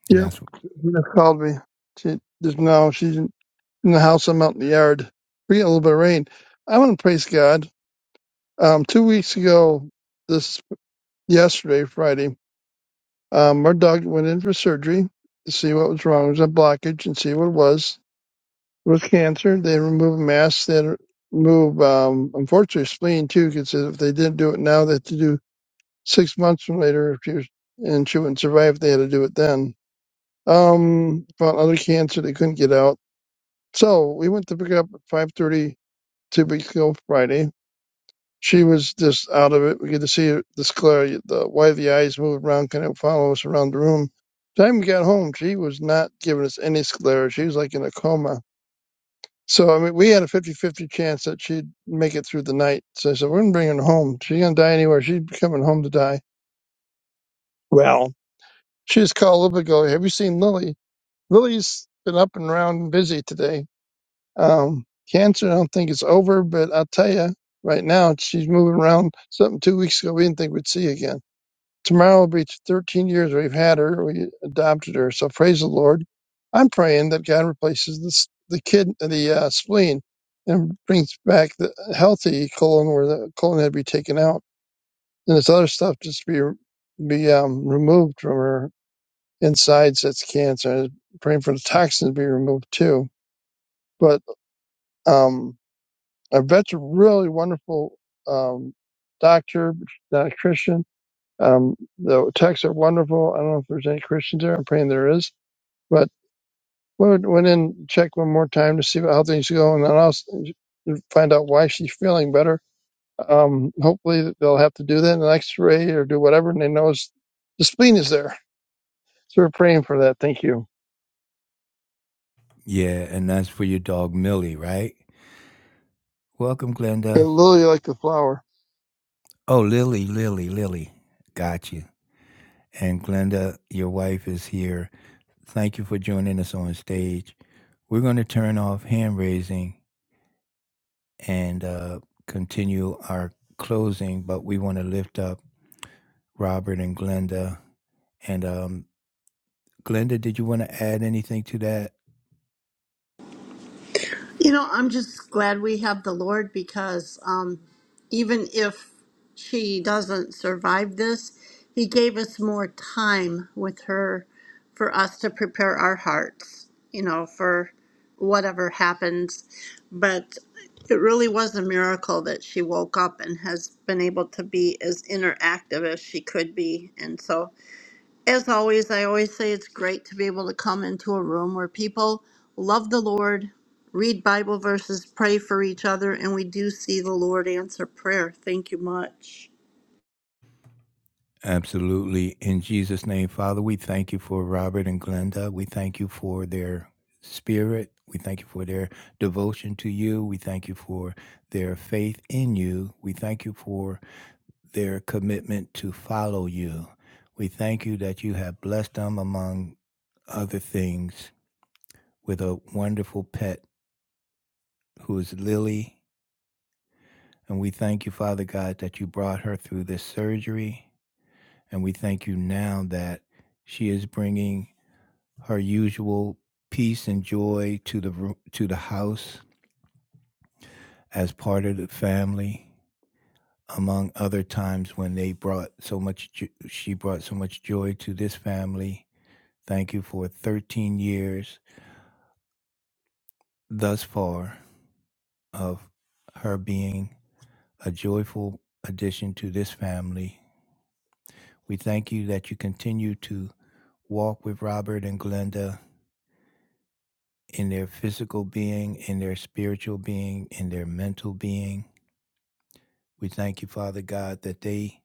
Speaker 1: And
Speaker 5: Yep.
Speaker 1: that's,
Speaker 5: Rena called me. She just now she's in the house. I'm out in the yard. We got a little bit of rain. I want to praise God. Um, two weeks ago, this yesterday, Friday, um, our dog went in for surgery to see what was wrong. It was a blockage and see what it was. It was cancer. They removed a mass. They had to remove, um, unfortunately, spleen too, because if they didn't do it now, they had to do six months from later. If she was, and she wouldn't survive, they had to do it then. Um, found other cancer they couldn't get out So we went to pick her up at five thirty two weeks ago Friday. She was just out of it. We get to see her, the sclera, the why the eyes move around, kind of follow us around the room. Time we got home, she was not giving us any sclera. She was like in a coma. So I mean, we had a 50-50 chance that she'd make it through the night. So I said, "We're gonna bring her home. She's gonna die anywhere. She's coming home to die." Well, she just called a little bit ago. Have you seen Lily? Lily's been up and around and busy today Um, cancer, I don't think it's over, but I will tell you, right now she's moving around. Something two weeks ago we didn't think we'd see again. Tomorrow will be 13 years we've had her. We adopted her, so praise the Lord. I'm praying that God replaces this, the kid, the uh, spleen, and brings back the healthy colon where the colon had to be taken out, and this other stuff just be be um, removed from her insides. That's cancer. I'm praying for the toxins to be removed too, but. Um, I vet's a really wonderful um, doctor, not a Christian. Um, the texts are wonderful. I don't know if there's any Christians there. I'm praying there is. But we went, went in, check one more time to see how things go, and then I'll find out why she's feeling better. Um, hopefully they'll have to do that in an X-ray or do whatever, and they know it's- the spleen is there. So we're praying for that. Thank you.
Speaker 1: yeah, and that's for your dog, Millie, right? Welcome,
Speaker 5: And
Speaker 1: Glenda.
Speaker 5: Lily, like the flower.
Speaker 1: Oh, Lily, Lily, Lily. Got you. And Glenda, your wife is here. Thank you for joining us on stage. We're going to turn off hand raising and uh, continue our closing, but we want to lift up Robert and Glenda. And um, Glenda, did you want to add anything to that?
Speaker 6: You know, I'm just glad we have the Lord because um, even if she doesn't survive this, He gave us more time with her for us to prepare our hearts, you know, for whatever happens. But it really was a miracle that she woke up and has been able to be as interactive as she could be. And so as always, I always say it's great to be able to come into a room where people love the Lord, read Bible verses, pray for each other, and we do see the Lord answer prayer. Thank you much.
Speaker 1: Absolutely. In Jesus' name, Father, we thank you for Robert and Glenda. We thank you for their spirit. We thank you for their devotion to you. We thank you for their faith in you. We thank you for their commitment to follow you. We thank you that you have blessed them among other things with a wonderful pet who is Lily. And we thank you, Father God, that you brought her through this surgery. And we thank you now that she is bringing her usual peace and joy to the to the house as part of the family among other times when they brought so much she brought so much joy to this family thank you for 13 years thus far of her being a joyful addition to this family We thank you that you continue to walk with Robert and Glenda in their physical being, in their spiritual being, in their mental being. We thank you, Father God, that they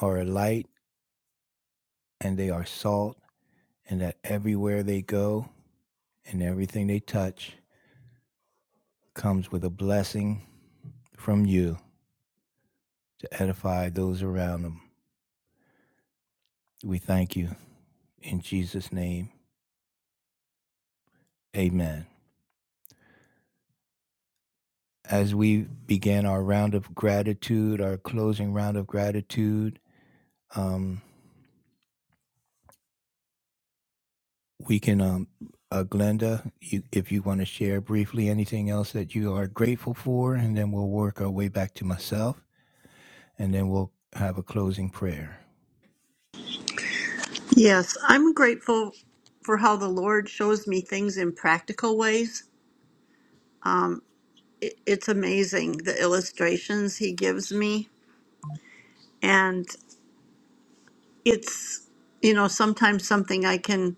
Speaker 1: are a light and they are salt, and that everywhere they go and everything they touch comes with a blessing from you to edify those around them. We thank you. In Jesus' name, amen. As we begin our round of gratitude, our closing round of gratitude, Um, we can, um, uh, Glenda, you, if you want to share briefly anything else that you are grateful for, and then we'll work our way back to myself, and then we'll have a closing prayer.
Speaker 6: Yes, I'm grateful for how the Lord shows me things in practical ways. It- It's amazing the illustrations He gives me, and it's you know sometimes something I can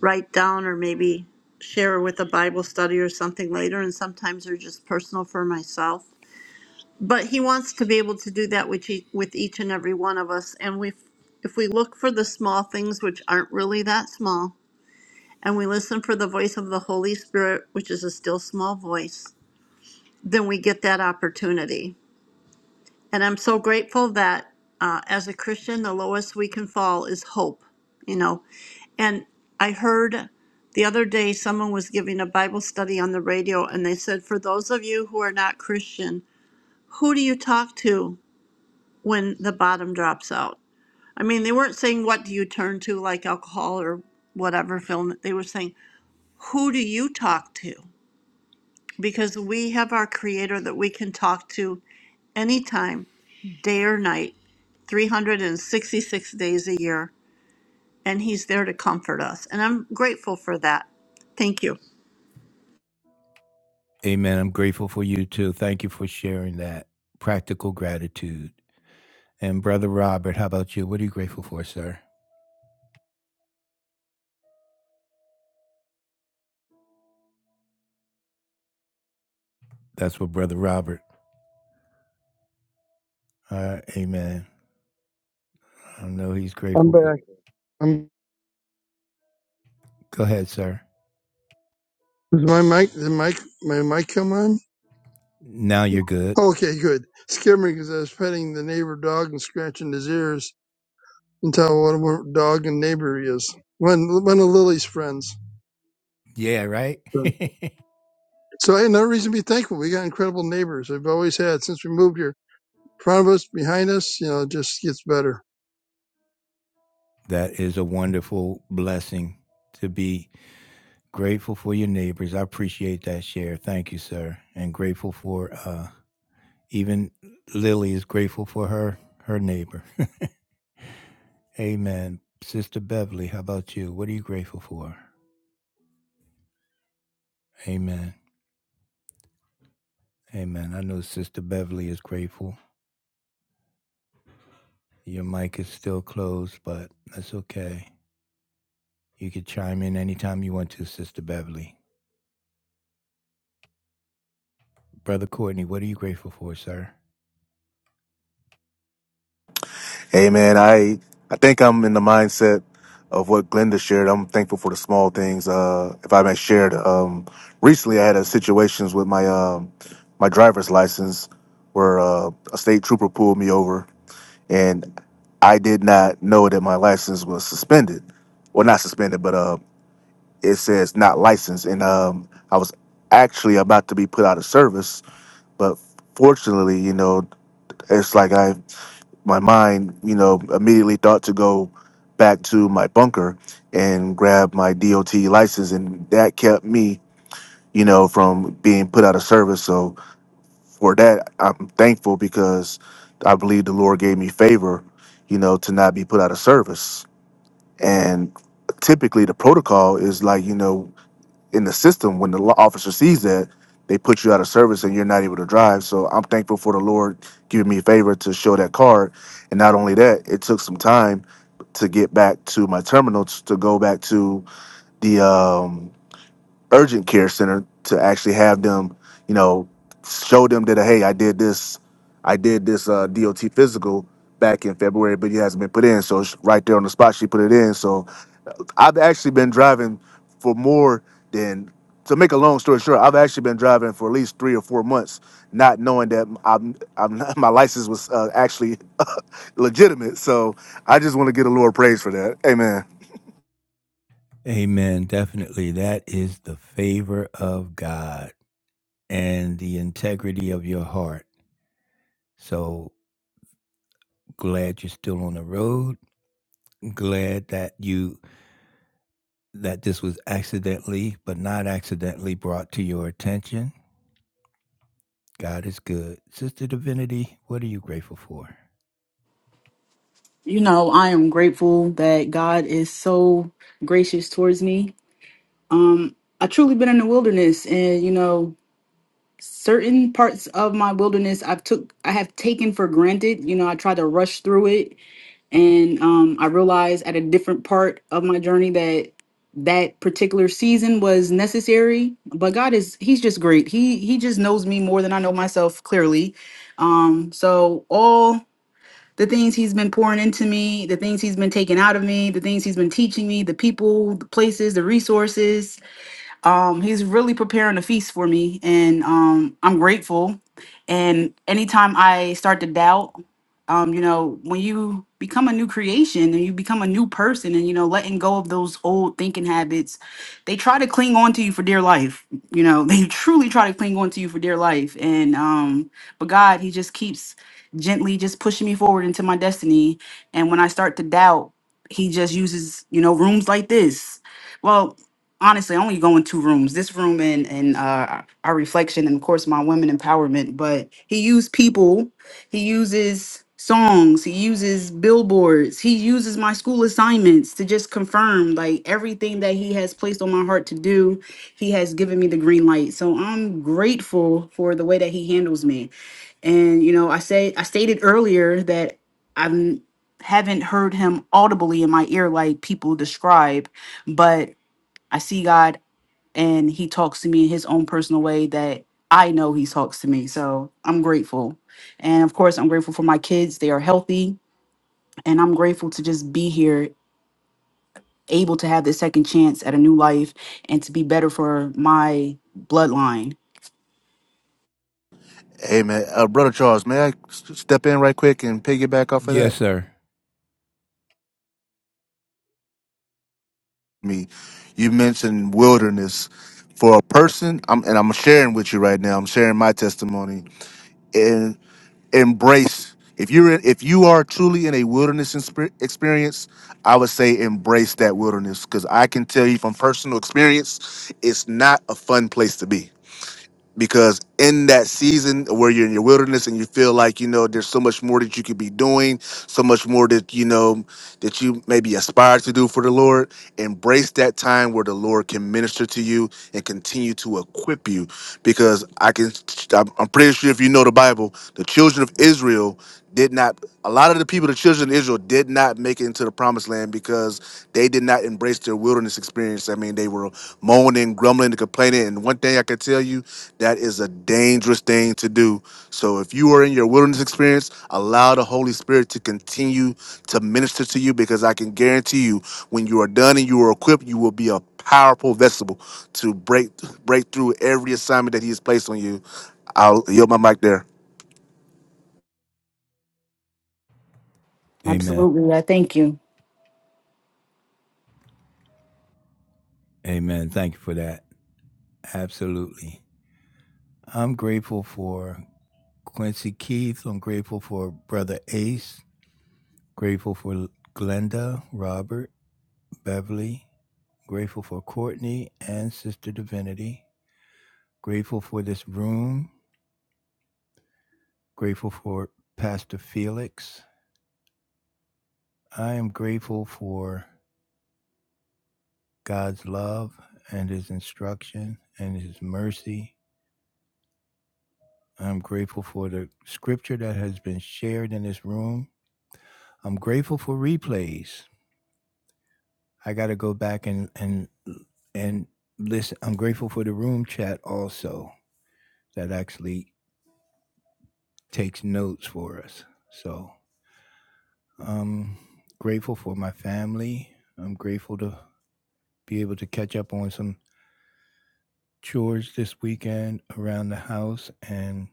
Speaker 6: write down or maybe share with a Bible study or something later. And sometimes they're just personal for myself. But he wants to be able to do that with each, with each and every one of us. And we, if we look for the small things, which aren't really that small, and we listen for the voice of the Holy Spirit, which is a still small voice, then we get that opportunity. And I'm so grateful that uh, as a Christian, the lowest we can fall is hope. You know, And I heard the other day someone was giving a Bible study on the radio, and they said, For those of you who are not Christian, who do you talk to when the bottom drops out? I mean, they weren't saying, What do you turn to, like alcohol or whatever film. They were saying, Who do you talk to? Because we have our Creator that we can talk to anytime, day or night, 366 days a year, and He's there to comfort us. And I'm grateful for that. Thank you.
Speaker 1: Amen. I'm grateful for you too. Thank you for sharing that practical gratitude. And Brother Robert, how about you? What are you grateful for, sir? That's what Brother Robert. Uh, amen. I know he's
Speaker 5: I'm
Speaker 1: grateful for.
Speaker 5: back. I'm,
Speaker 1: Go ahead, sir.
Speaker 5: is my mic? Is mic? My mic come on?
Speaker 1: Now you're good.
Speaker 5: Okay, good. Skimmering because I was petting the neighbor dog and scratching his ears until what a dog and neighbor he is. One, one of Lily's friends.
Speaker 1: Yeah, right?
Speaker 5: So hey, no reason to be thankful. We got incredible neighbors. We've always had since we moved here. In front of us, behind us, you know, it just gets better.
Speaker 1: That is a wonderful blessing to be grateful for your neighbors. I appreciate that share. Thank you, sir. And grateful for uh even Lily is grateful for her her neighbor. Amen. Sister Beverly, how about you? What are you grateful for? Amen. Amen. I know Sister Beverly is grateful. Your mic is still closed, but that's okay. You can chime in anytime you want to, Sister Beverly. Brother Courtney, what are you grateful for, sir?
Speaker 3: Hey man, I I think I'm in the mindset of what Glenda shared. I'm thankful for the small things. Uh if I may share um recently I had a situations with my um my driver's license where uh, a state trooper pulled me over and I did not know that my license was suspended. Well not suspended, but uh it says not licensed and um I was actually about to be put out of service, but fortunately, you know, it's like I my mind, you know, immediately thought to go back to my bunker and grab my DOT license, and that kept me, you know, from being put out of service. So for that, I'm thankful because I believe the Lord gave me favor, you know, to not be put out of service. And typically, the protocol is like, you know in the system when the law officer sees that they put you out of service and you're not able to drive so i'm thankful for the lord giving me a favor to show that card and not only that it took some time to get back to my terminal t- to go back to the um urgent care center to actually have them, you know, show them that hey, I did this, I did this uh, DOT physical back in February, but it hasn't been put in. So sh- right there on the spot, she put it in. So uh, I've actually been driving for more than to make a long story short. I've actually been driving for at least three or four months, not knowing that I'm, I'm my license was uh, actually legitimate. So I just want to get a little praise for that. Amen.
Speaker 1: Amen. Definitely. That is the favor of God and the integrity of your heart. So glad you're still on the road. Glad that you that this was accidentally, but not accidentally brought to your attention. God is good. Sister Divinity, what are you grateful for?
Speaker 2: You know, I am grateful that God is so gracious towards me. Um, I truly been in the wilderness, and you know, certain parts of my wilderness I've took I have taken for granted. You know, I tried to rush through it, and um, I realized at a different part of my journey that that particular season was necessary. But God is He's just great. He He just knows me more than I know myself clearly. Um, so all the things he's been pouring into me, the things he's been taking out of me, the things he's been teaching me, the people, the places, the resources um, he's really preparing a feast for me, and um, I'm grateful. And anytime I start to doubt, um, you know, when you become a new creation and you become a new person, and you know, letting go of those old thinking habits, they try to cling on to you for dear life. You know, they truly try to cling on to you for dear life. And um, but God, He just keeps gently just pushing me forward into my destiny. And when I start to doubt, He just uses you know rooms like this. Well, honestly I only go in two rooms this room and and uh our reflection and of course my women empowerment but he used people he uses songs he uses billboards he uses my school assignments to just confirm like everything that he has placed on my heart to do he has given me the green light so i'm grateful for the way that he handles me and you know i say i stated earlier that i've not heard him audibly in my ear like people describe but. I see God and he talks to me in his own personal way that I know he talks to me. So I'm grateful. And of course, I'm grateful for my kids. They are healthy and I'm grateful to just be here able to have this second chance at a new life and to be better for my bloodline.
Speaker 3: Hey man, uh, brother Charles, may I s- step in right quick and piggyback off of
Speaker 1: Yes,
Speaker 3: that?
Speaker 1: sir.
Speaker 3: I mean, you mentioned wilderness for a person, I'm, and I'm sharing with you right now. I'm sharing my testimony and embrace. If you're in, if you are truly in a wilderness inspe- experience, I would say embrace that wilderness because I can tell you from personal experience, it's not a fun place to be because in that season where you're in your wilderness and you feel like you know there's so much more that you could be doing so much more that you know that you maybe aspire to do for the lord embrace that time where the lord can minister to you and continue to equip you because i can i'm I'm pretty sure if you know the bible the children of israel did not a lot of the people the children of israel did not make it into the promised land because they did not embrace their wilderness experience i mean they were moaning, grumbling, and complaining. And one thing I can tell you, that is a dangerous thing to do. So if you are in your wilderness experience, allow the Holy Spirit to continue to minister to you because I can guarantee you, when you are done and you are equipped, you will be a powerful vessel to break break through every assignment that He has placed on you. I'll yield my mic there.
Speaker 1: Amen.
Speaker 2: Absolutely. I thank you.
Speaker 1: Amen. Thank you for that. Absolutely. I'm grateful for Quincy Keith. I'm grateful for Brother Ace. Grateful for Glenda, Robert, Beverly. Grateful for Courtney and Sister Divinity. Grateful for this room. Grateful for Pastor Felix. I am grateful for God's love and His instruction and His mercy. I'm grateful for the scripture that has been shared in this room. I'm grateful for replays. I got to go back and and and listen. I'm grateful for the room chat also that actually takes notes for us. So I'm grateful for my family. I'm grateful to be able to catch up on some chores this weekend around the house and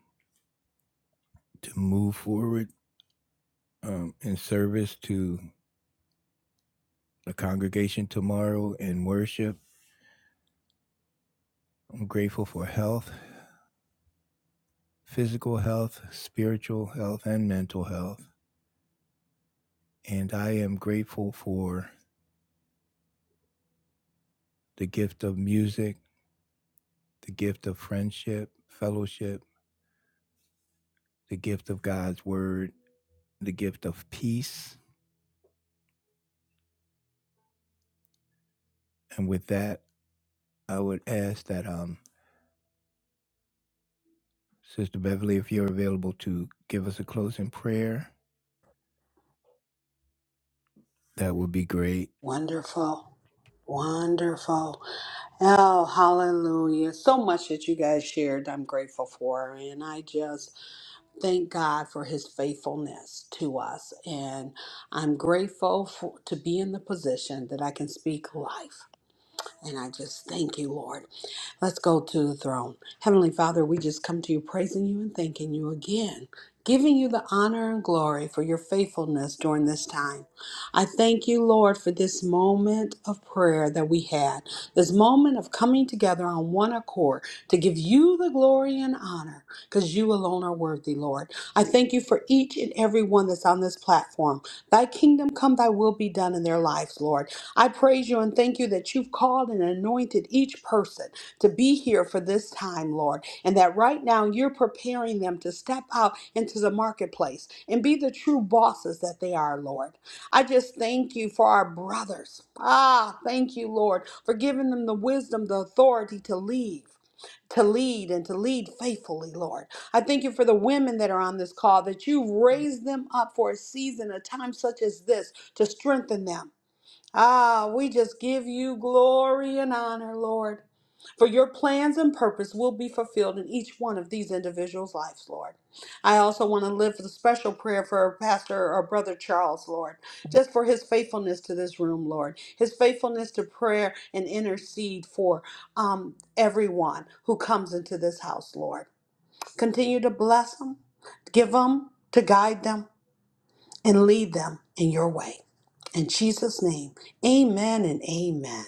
Speaker 1: to move forward um, in service to the congregation tomorrow in worship. I'm grateful for health, physical health, spiritual health, and mental health. And I am grateful for the gift of music, the gift of friendship, fellowship the gift of God's word, the gift of peace. And with that, I would ask that um, Sister Beverly, if you're available to give us a closing prayer, that would be great.
Speaker 4: Wonderful. Wonderful. Oh, hallelujah. So much that you guys shared, I'm grateful for. And I just thank God for his faithfulness to us. And I'm grateful for, to be in the position that I can speak life. And I just thank you, Lord. Let's go to the throne. Heavenly Father, we just come to you praising you and thanking you again, giving you the honor and glory for your faithfulness during this time. I thank you, Lord, for this moment of prayer that we had, this moment of coming together on one accord to give you the glory and honor, because you alone are worthy, Lord. I thank you for each and every one that's on this platform. Thy kingdom come, thy will be done in their lives, Lord. I praise you and thank you that you've called and anointed each person to be here for this time, Lord, and that right now you're preparing them to step out into the marketplace and be the true bosses that they are, Lord. I just thank you for our brothers. Ah, thank you, Lord, for giving them the wisdom, the authority to lead. To lead and to lead faithfully, Lord. I thank you for the women that are on this call, that you've raised them up for a season, a time such as this, to strengthen them. Ah, we just give you glory and honor, Lord. For your plans and purpose will be fulfilled in each one of these individuals' lives, Lord. I also want to lift a special prayer for our pastor or brother Charles, Lord, just for his faithfulness to this room, Lord, his faithfulness to prayer and intercede for um, everyone who comes into this house, Lord. Continue to bless them, give them, to guide them, and lead them in your way. In Jesus' name, amen and amen.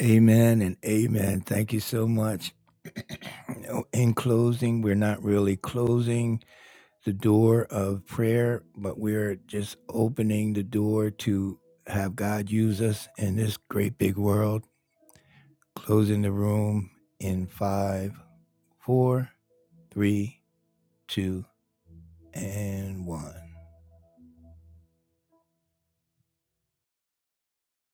Speaker 1: Amen and amen. Thank you so much. You know, In closing, we're not really closing the door of prayer, but we're just opening the door to have God use us in this great big world. Closing the room in five, four, three, two, and one.